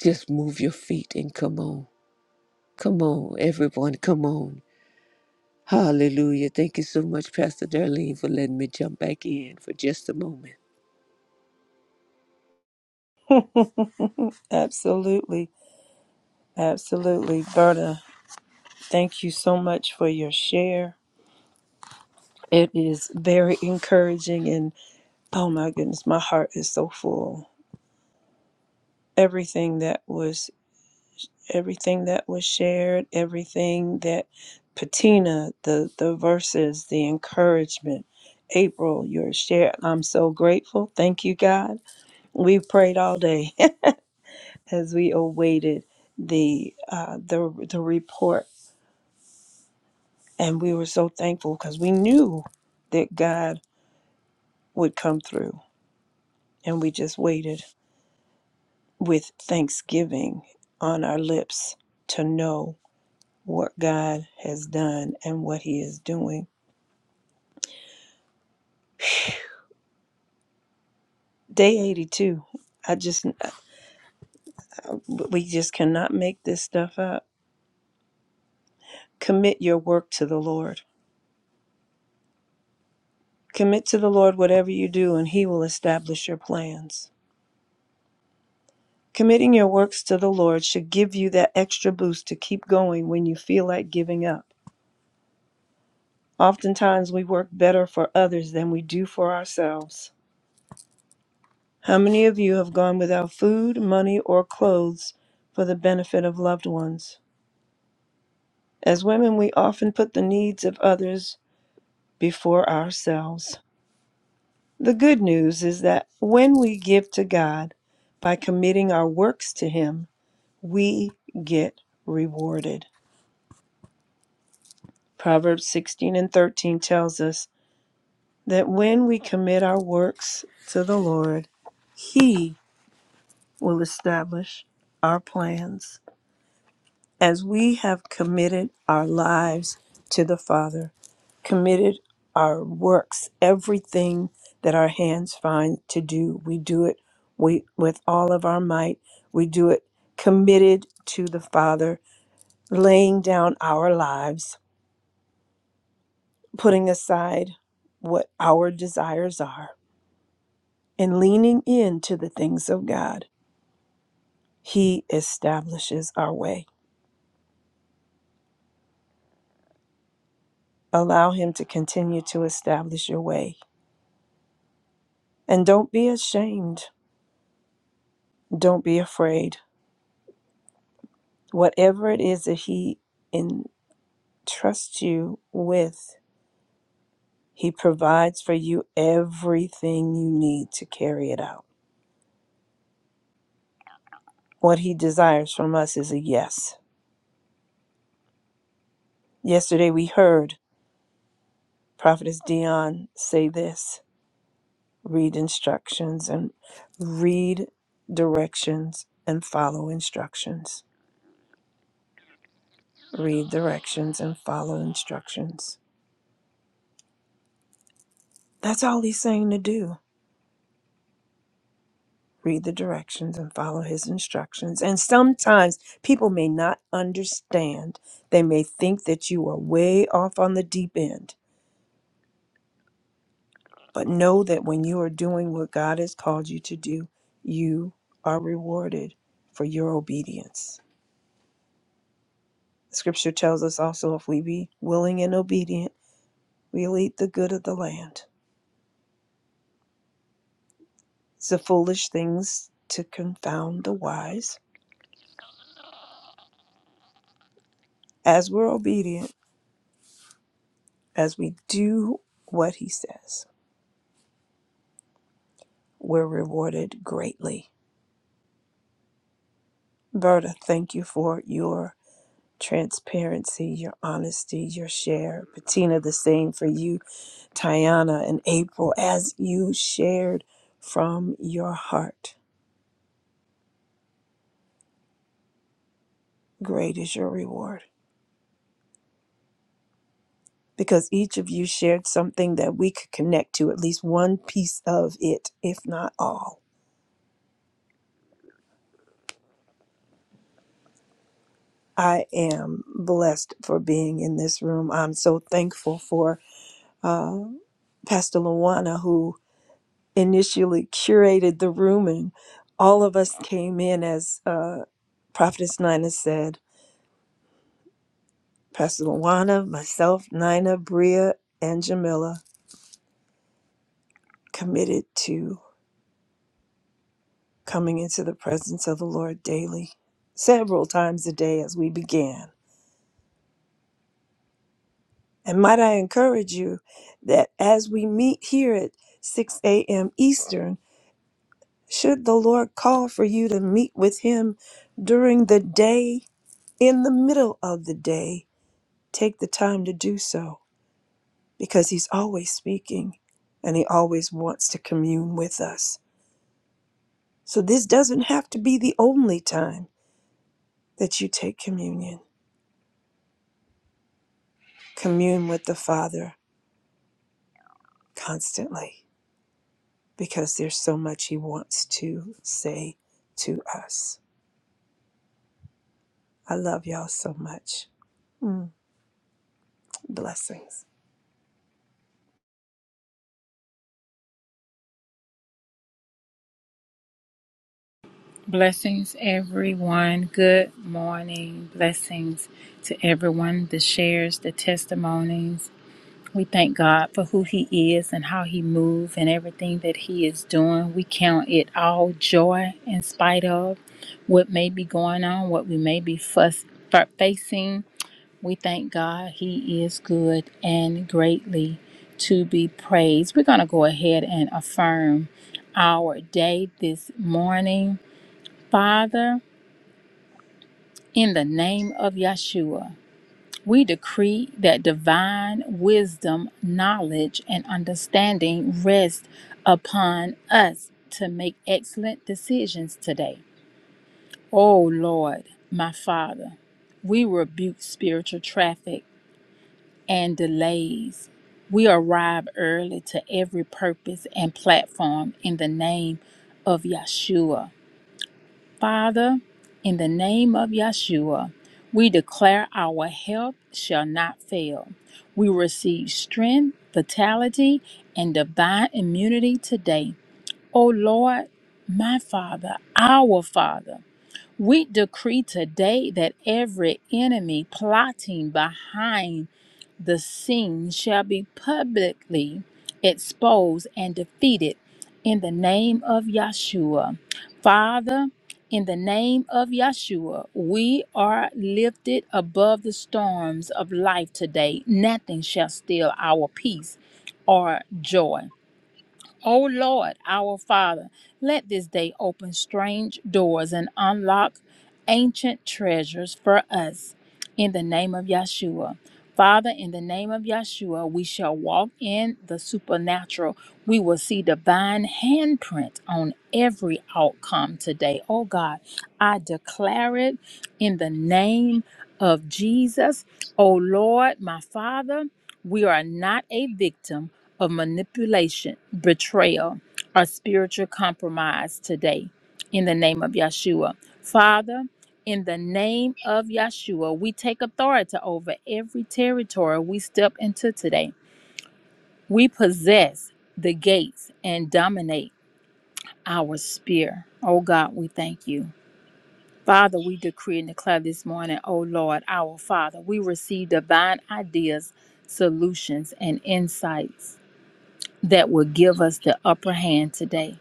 Speaker 3: just move your feet and come on. Come on, everyone, come on. Hallelujah. Thank you so much, Pastor Darlene, for letting me jump back in for just a moment.
Speaker 6: Absolutely, absolutely, Berta. Thank you so much for your share. It is very encouraging Oh my goodness, my heart is so full. Everything that was everything that was shared, everything that Patina, the the verses, the encouragement, April, your share. I'm so grateful. Thank you, God. We prayed all day [LAUGHS] as we awaited the uh, the the report, and we were so thankful because we knew that God would come through, and we just waited with thanksgiving on our lips to know what God has done and what He is doing. Day 82. I just, we just cannot make this stuff up. Commit your work to the Lord. Commit to the Lord whatever you do, and He will establish your plans. Committing your works to the Lord should give you that extra boost to keep going when you feel like giving up. Oftentimes, we work better for others than we do for ourselves. How many of you have gone without food, money, or clothes for the benefit of loved ones? As women, we often put the needs of others before ourselves. The good news is that when we give to God by committing our works to Him, we get rewarded. Proverbs 16 and 13 tells us that when we commit our works to the Lord, He will establish our plans. as we have committed our lives to the Father, committed our works, everything that our hands find to do, we do it we, with all of our might. We do it committed to the Father, laying down our lives, putting aside what our desires are, and leaning into the things of God. He establishes our way. Allow Him to continue to establish your way And don't be ashamed. Don't be afraid. Whatever it is that He entrusts you with, He provides for you everything you need to carry it out. What He desires from us is a yes. Yesterday we heard Prophetess Dion say this read instructions and read directions and follow instructions. Read directions and follow instructions. That's all He's saying to do. read the directions and follow his instructions. And sometimes people may not understand. They may think that you are way off on the deep end, but know that when you are doing what God has called you to do, you are rewarded for your obedience. Scripture tells us also if we be willing and obedient, we'll eat the good of the land. It's the foolish things to confound the wise. As we're obedient, as we do what he says, we're rewarded greatly. Berta, thank you for your transparency, your honesty, your share. Bettina, the same for you. Tiana and April, as you shared from your heart, great is your reward. Because each of you shared something that we could connect to, at least one piece of it, if not all. I am blessed for being in this room. I'm so thankful for uh, Pastor Luana, who initially curated the room, and all of us came in as uh, Prophetess Nina said. Pastor Luana, myself, Nina, Bria, and Jamila committed to coming into the presence of the Lord daily, several times a day as we began. And might I encourage you that as we meet here at 6 a.m. Eastern, should the Lord call for you to meet with Him during the day, in the middle of the day, Take the time to do so because He's always speaking and He always wants to commune with us. So, this doesn't have to be the only time that you take communion. Commune with the Father constantly because there's so much He wants to say to us. I love y'all so much. Mm, Blessings.
Speaker 4: Blessings, everyone. Good morning. Blessings to everyone that shares the testimonies. We thank God for who He is and how He moves and everything that He is doing. We count it all joy in spite of what may be going on, what we may be fuss, fa- facing. We thank God. He is good and greatly to be praised. We're going to go ahead and affirm our day this morning. Father, in the name of Yeshua, we decree that divine wisdom, knowledge, and understanding rest upon us to make excellent decisions today. Oh Lord, my Father, we rebuke spiritual traffic and delays. We arrive early to every purpose and platform in the name of Yeshua. Father, in the name of Yeshua, we declare our health shall not fail. We receive strength, vitality, and divine immunity today. O Lord, my Father, our Father, we decree today that every enemy plotting behind the scene shall be publicly exposed and defeated in the name of Yahshua. Father, in the name of Yahshua, we are lifted above the storms of life today. Nothing shall steal our peace or joy. O Lord, our Father, let this day open strange doors and unlock ancient treasures for us in the name of Yeshua. Father, in the name of Yeshua, we shall walk in the supernatural. We will see divine handprint on every outcome today. Oh God, I declare it in the name of Jesus. Oh Lord, my Father, we are not a victim of manipulation, betrayal, or spiritual compromise today in the name of Yeshua. Father, in the name of Yeshua, we take authority over every territory we step into today. We possess the gates and dominate our sphere. Oh God, we thank you. Father, we decree and declare this morning, oh Lord, our Father, we receive divine ideas, solutions, and insights that will give us the upper hand today.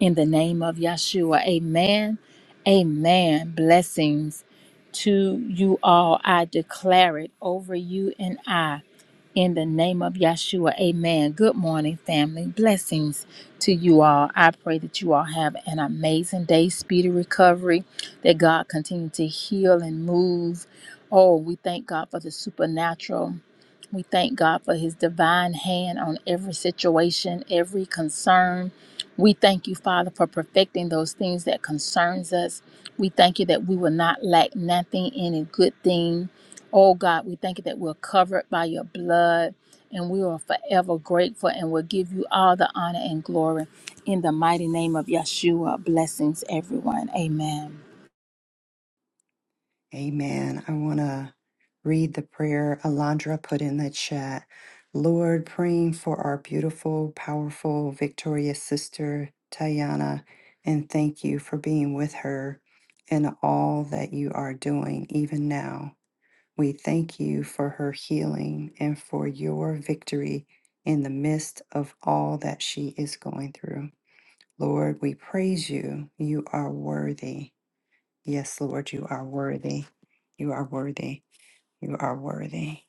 Speaker 4: In the name of Yeshua, amen. Amen. Blessings to you all. I declare it over you and I in the name of Yeshua. Amen. Good morning, family. Blessings to you all. I pray that you all have an amazing day, speedy recovery, that God continue to heal and move. Oh, we thank God for the supernatural. We thank God for his divine hand on every situation, every concern. We thank you, Father, for perfecting those things that concerns us. We thank you that we will not lack nothing, any good thing. Oh God, we thank you that we're covered by your blood and we are forever grateful and will give you all the honor and glory. In the mighty name of Yeshua, blessings everyone. Amen.
Speaker 1: Amen. I want to read the prayer Alondra put in the chat. Lord, praying for our beautiful, powerful, victorious sister, Tayana, and thank you for being with her and all that you are doing, even now. We thank you for her healing and for your victory in the midst of all that she is going through. Lord, we praise you. You are worthy. Yes, Lord, you are worthy. You are worthy. You are worthy.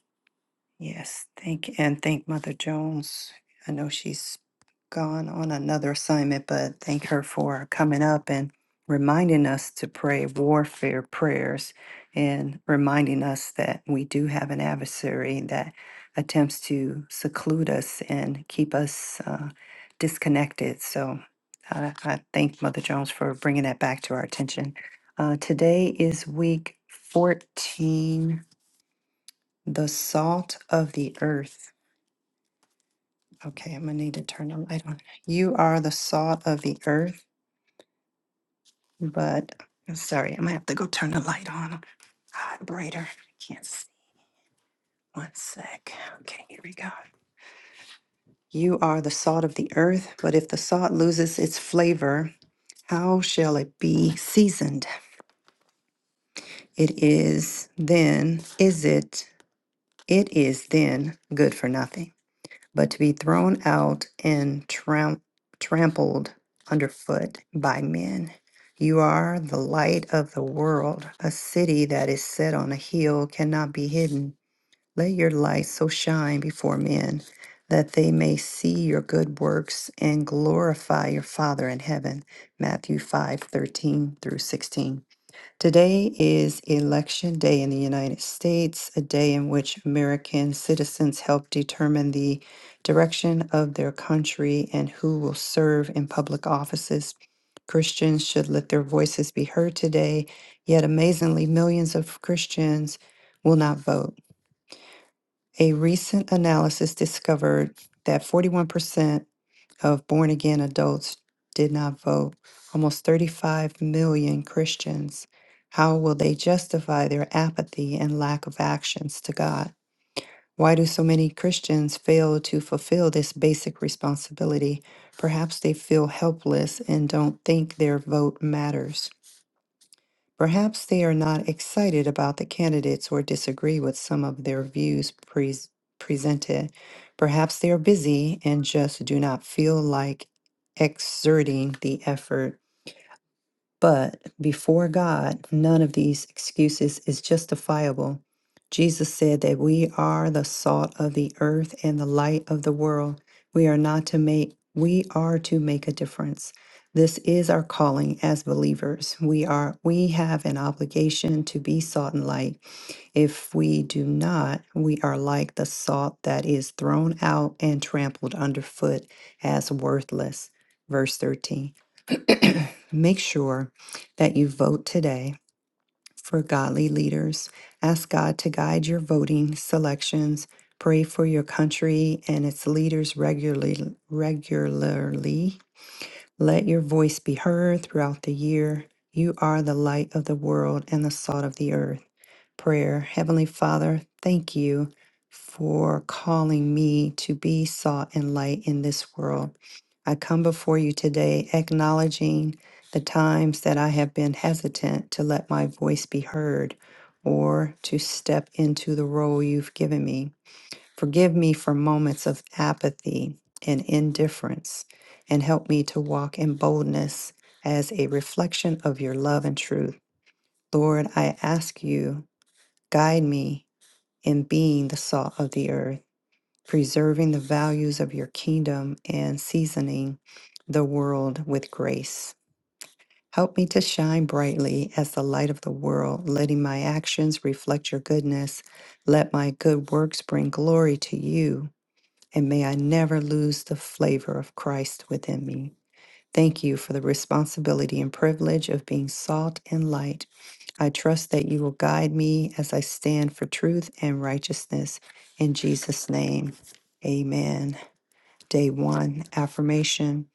Speaker 1: Yes, thank you. And thank Mother Jones. I know she's gone on another assignment, but thank her for coming up and reminding us to pray warfare prayers and reminding us that we do have an adversary that attempts to seclude us and keep us uh, disconnected. So I, I thank Mother Jones for bringing that back to our attention. Uh, today is week 14. The salt of the earth. Okay, I'm gonna need to turn the light on. You are the salt of the earth, but I'm sorry, I'm gonna have to go turn the light on. Ah, brighter. I can't see. One sec. Okay, here we go. You are the salt of the earth, but if the salt loses its flavor, how shall it be seasoned? It is then, is it, it is then good for nothing. but to be thrown out and tram- trampled underfoot by men. You are the light of the world. A city that is set on a hill cannot be hidden. Let your light so shine before men that they may see your good works and glorify your Father in heaven. Matthew 5 13 through 16. Today is Election Day in the United States, a day in which American citizens help determine the direction of their country and who will serve in public offices. Christians should let their voices be heard today, yet amazingly, millions of Christians will not vote. A recent analysis discovered that 41% of born again adults did not vote, almost 35 million Christians. How will they justify their apathy and lack of actions to God? Why do so many Christians fail to fulfill this basic responsibility? Perhaps they feel helpless and don't think their vote matters. Perhaps they are not excited about the candidates or disagree with some of their views pres presented. Perhaps they are busy and just do not feel like exerting the effort. But before God, none of these excuses is justifiable. Jesus said that we are the salt of the earth and the light of the world. We are not to make, we are to make a difference. This is our calling as believers. We are we have an obligation to be salt and light. If we do not, we are like the salt that is thrown out and trampled underfoot as worthless. Verse 13. [CLEARS THROAT] Make sure that you vote today for godly leaders. Ask God to guide your voting selections. Pray for your country and its leaders regularly. Regularly, let your voice be heard throughout the year. You are the light of the world and the salt of the earth prayer. Heavenly Father, thank you for calling me to be salt and light in this world. I come before you today acknowledging the times that I have been hesitant to let my voice be heard or to step into the role you've given me. Forgive me for moments of apathy and indifference, and help me to walk in boldness as a reflection of your love and truth. Lord, I ask you, guide me in being the salt of the earth, preserving the values of your kingdom, and seasoning the world with grace. Help me to shine brightly as the light of the world, letting my actions reflect your goodness. Let my good works bring glory to you, and may I never lose the flavor of Christ within me. Thank you for the responsibility and privilege of being salt and light. I trust that you will guide me as I stand for truth and righteousness. In Jesus' name, amen. Day one affirmation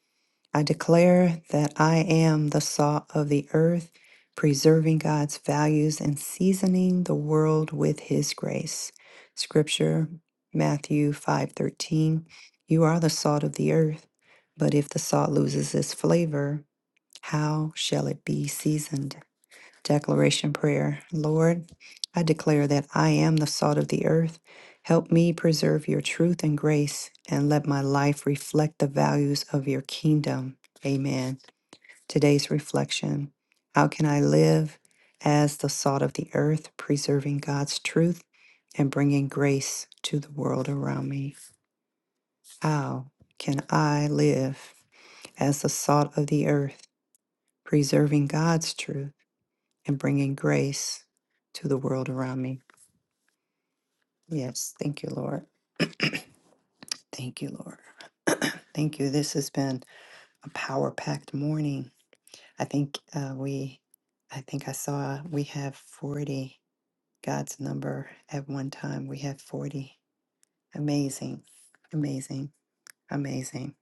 Speaker 1: I declare that I am the salt of the earth, preserving God's values and seasoning the world with his grace. Scripture Matthew 5:13 You are the salt of the earth, but if the salt loses its flavor, how shall it be seasoned? Declaration Prayer Lord, I declare that I am the salt of the earth. Help me preserve your truth and grace, and let my life reflect the values of your kingdom. Amen. Today's reflection How can I live as the salt of the earth, preserving God's truth and bringing grace to the world around me? How can I live as the salt of the earth, preserving God's truth? and bringing grace to the world around me. Yes, thank you, Lord. Thank you, Lord. [CLEARS THROAT] thank you. This has been a power packed morning. I think uh, we, I think I saw we have 40, God's number at one time. We have 40. Amazing, amazing, amazing,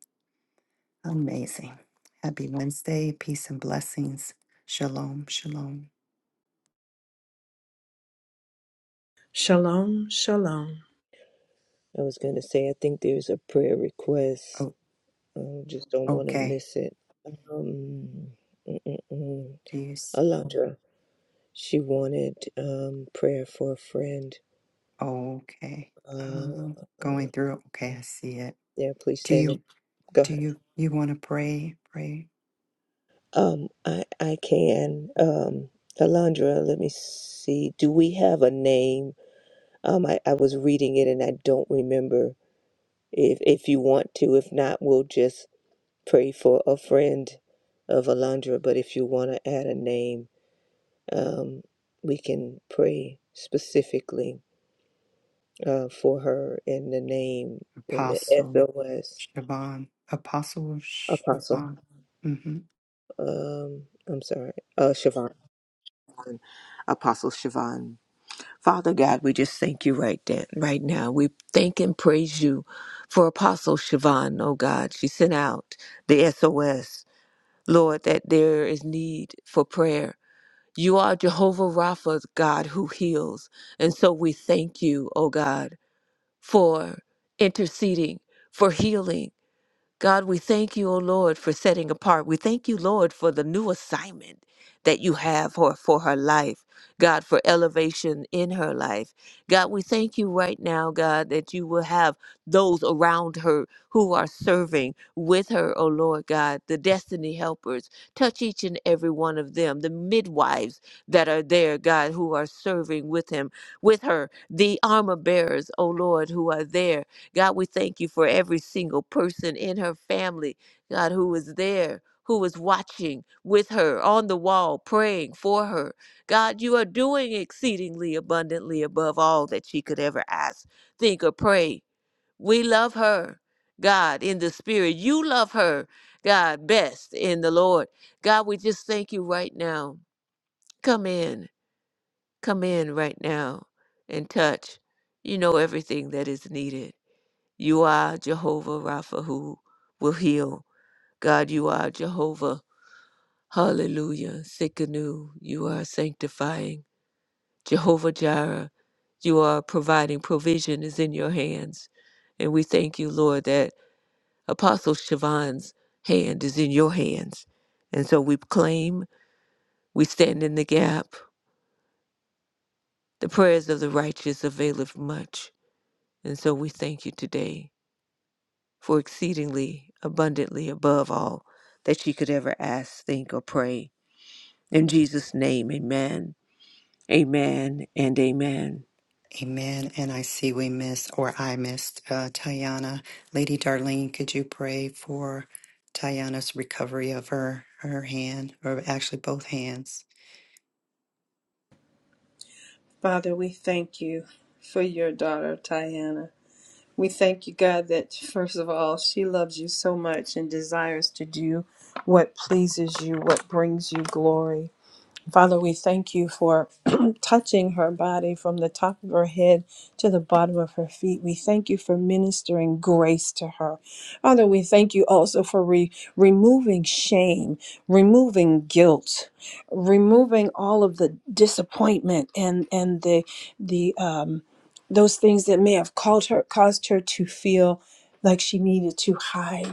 Speaker 1: amazing. Happy Wednesday. Peace and blessings. Shalom, shalom.
Speaker 6: Shalom, shalom.
Speaker 3: I was going to say, I think there's a prayer request.
Speaker 1: Oh,
Speaker 3: I just don't want to
Speaker 1: okay.
Speaker 3: miss it. Um, mm, mm, mm.
Speaker 1: Do you?
Speaker 3: Alondra, she wanted um, prayer for a friend.
Speaker 1: Oh, Okay.
Speaker 3: Uh,
Speaker 1: Um,
Speaker 3: Alondra,
Speaker 1: going through. it. Okay, I see it.
Speaker 3: yeah, please
Speaker 1: Do
Speaker 3: stand up.
Speaker 1: you
Speaker 3: Go
Speaker 1: do
Speaker 3: ahead.
Speaker 1: you you want to pray? Pray.
Speaker 3: Um, I I can. Um, Alondra, let me see. Do we have a name? Um, I, I was reading it and I don't remember. If if you want to, if not, we'll just pray for a friend of Alondra. But if you want to add a name, um, we can pray specifically uh, for her in the name in the
Speaker 1: Apostle
Speaker 3: SOS
Speaker 1: Shaban. Apostle
Speaker 3: Apostle.
Speaker 1: Shaban.
Speaker 3: Um, I'm sorry, uh, Siobhan, Apostle Siobhan. Father God, we just thank you right then, right now. We thank and praise you for Apostle Siobhan. Oh God, she sent out the SOS, Lord, that there is need for prayer. You are Jehovah Rapha, God who heals, and so we thank you, oh God, for interceding, for healing. God, we thank you, O Lord, for setting apart. We thank you, Lord, for the new assignment that you have for, for her life. God, for elevation in her life. God, we thank you right now, God, that you will have those around her who are serving with her, O Lord God, the destiny helpers. Touch each and every one of them, the midwives that are there, God, who are serving with him, with her, the armor bearers, O Lord, who are there God, we thank you for every single person in her family, God, who is there, who is watching with her on the wall, praying for her. God, you are doing exceedingly abundantly above all that she could ever ask, think, or pray. We love her, God, in the spirit. You love her, God, best in the Lord. God, we just thank you right now. Come in, come in right now and touch. You know everything that is needed. You are Jehovah Rapha who will heal. God, you are Jehovah. Hallelujah. Sikkenu. You are sanctifying. Jehovah Jireh. You are providing provision is in your hands. And we thank you, Lord, that Apostle Siobhan's hand is in your hands. And so we claim, we stand in the gap. The prayers of the righteous availeth much. And so we thank you today for exceedingly abundantly above all that she could ever ask, think, or pray. In Jesus' name, amen, amen, and amen.
Speaker 1: Amen. And I see we missed, or I missed, uh, Tayana. Lady Darlene, could you pray for Tayana's recovery of her, her hand, or actually both hands?
Speaker 6: Father, we thank you for your daughter, Tiana. We thank you, God, that first of all, she loves you so much and desires to do what pleases you, what brings you glory. Father, we thank you for [CLEARS THROAT] touching her body from the top of her head to the bottom of her feet. We thank you for ministering grace to her. Father, we thank you also for re- removing shame, removing guilt, removing all of the disappointment and and the the um, those things that may have called her caused her to feel like she needed to hide.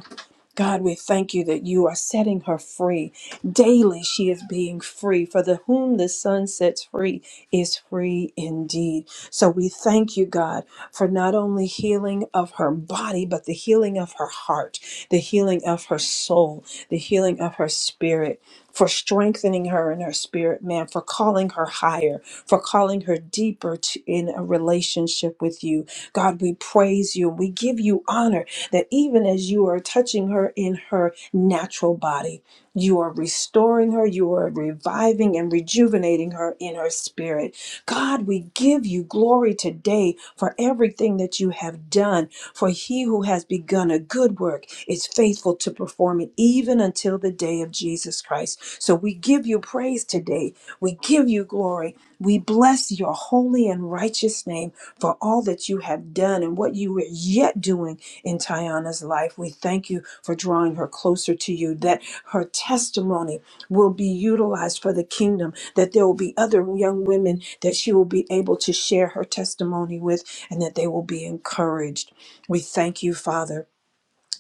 Speaker 6: God, we thank you that you are setting her free. Daily she is being free. For the whom the Son sets free is free indeed. So we thank you, God, for not only healing of her body, but the healing of her heart, the healing of her soul, the healing of her spirit for strengthening her in her spirit, man, for calling her higher, for calling her deeper to, in a relationship with you. God, we praise you we give you honor that even as you are touching her in her natural body, you are restoring her, you are reviving and rejuvenating her in her spirit. God, we give you glory today for everything that you have done. For he who has begun a good work is faithful to perform it even until the day of Jesus Christ. So we give you praise today. We give you glory. We bless your holy and righteous name for all that you have done and what you are yet doing in Tiana's life. We thank you for drawing her closer to you, that her testimony will be utilized for the kingdom, that there will be other young women that she will be able to share her testimony with, and that they will be encouraged. We thank you, Father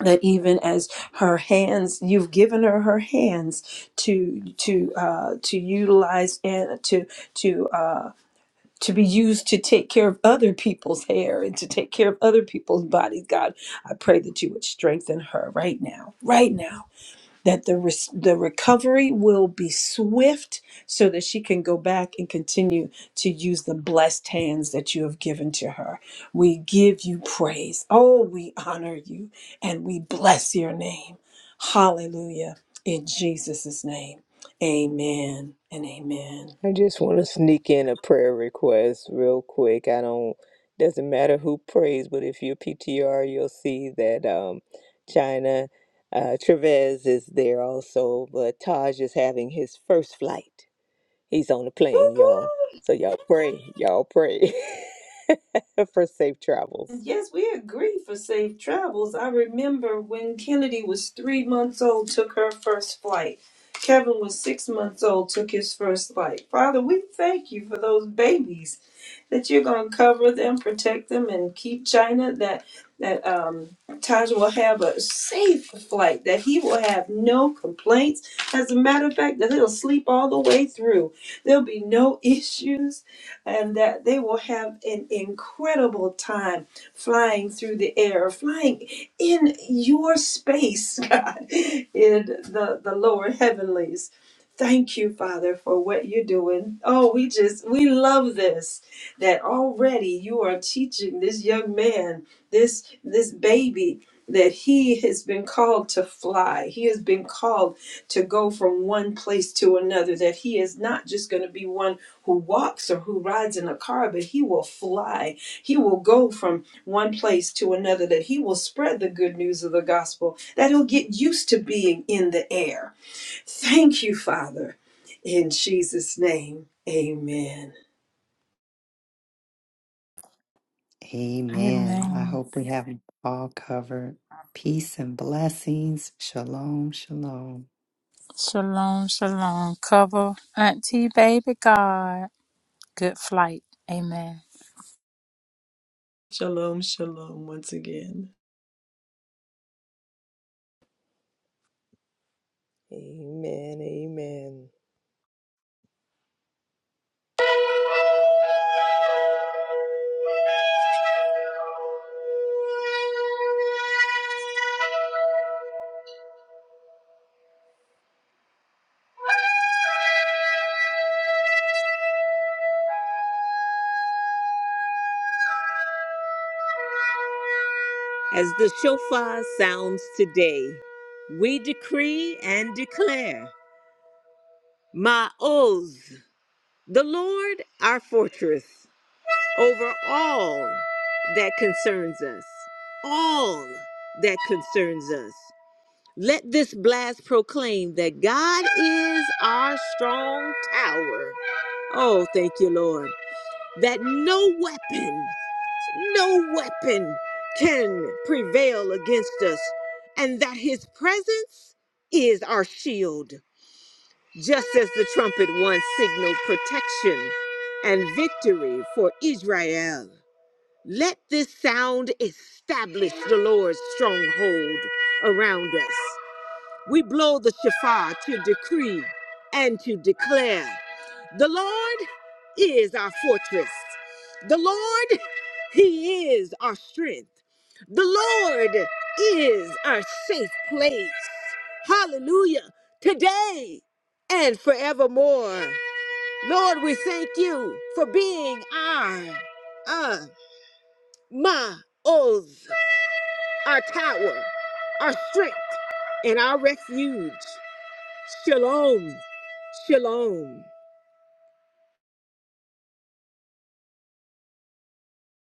Speaker 6: that even as her hands you've given her her hands to to uh to utilize and to to uh to be used to take care of other people's hair and to take care of other people's bodies god i pray that you would strengthen her right now right now that the res- the recovery will be swift so that she can go back and continue to use the blessed hands that you have given to her. We give you praise. Oh, we honor you and we bless your name. Hallelujah. In Jesus' name. Amen and amen.
Speaker 3: I just want to sneak in a prayer request real quick. I don't, doesn't matter who prays, but if you PTR, you'll see that um, China uh, Trevez is there also. But Taj is having his first flight. He's on the plane, y'all.
Speaker 6: Woo-hoo.
Speaker 3: So y'all pray, y'all pray [LAUGHS] for safe travels.
Speaker 6: Yes, we agree for safe travels. I remember when Kennedy was three months old, took her first flight. Kevin was six months old, took his first flight. Father, we thank you for those babies that you're going to cover them, protect them, and keep China that that um, Taj will have a safe flight, that he will have no complaints. As a matter of fact, that he'll sleep all the way through. There'll be no [LAUGHS] issues, and that they will have an incredible time flying through the air, flying in your space, [LAUGHS] God, in the, the lower heavenlies. Thank you, Father, for what you're doing. Oh, we just, we love this that already you are teaching this young man this this baby that he has been called to fly he has been called to go from one place to another that he is not just going to be one who walks or who rides in a car but he will fly he will go from one place to another that he will spread the good news of the gospel that he'll get used to being in the air thank you father in jesus name amen
Speaker 1: Amen. I
Speaker 4: Amen.
Speaker 1: hope we have 'em all covered. Peace and blessings. Shalom, shalom.
Speaker 4: Shalom, shalom. Cover Auntie Baby God. Good flight. Amen.
Speaker 6: Shalom, shalom once again.
Speaker 3: Amen. Amen. As the shofar sounds today, we decree and declare, Ma'oz, the Lord our fortress, over all that concerns us. All that concerns us. Let this blast proclaim that God is our strong tower. Oh, thank you, Lord, that no weapon, no weapon can prevail against us, and that his presence is and is our safe place. Hallelujah. Today and forevermore. Lord, we thank you for being our, uh, my, oath, our tower, our strength, and our refuge. Shalom. Shalom.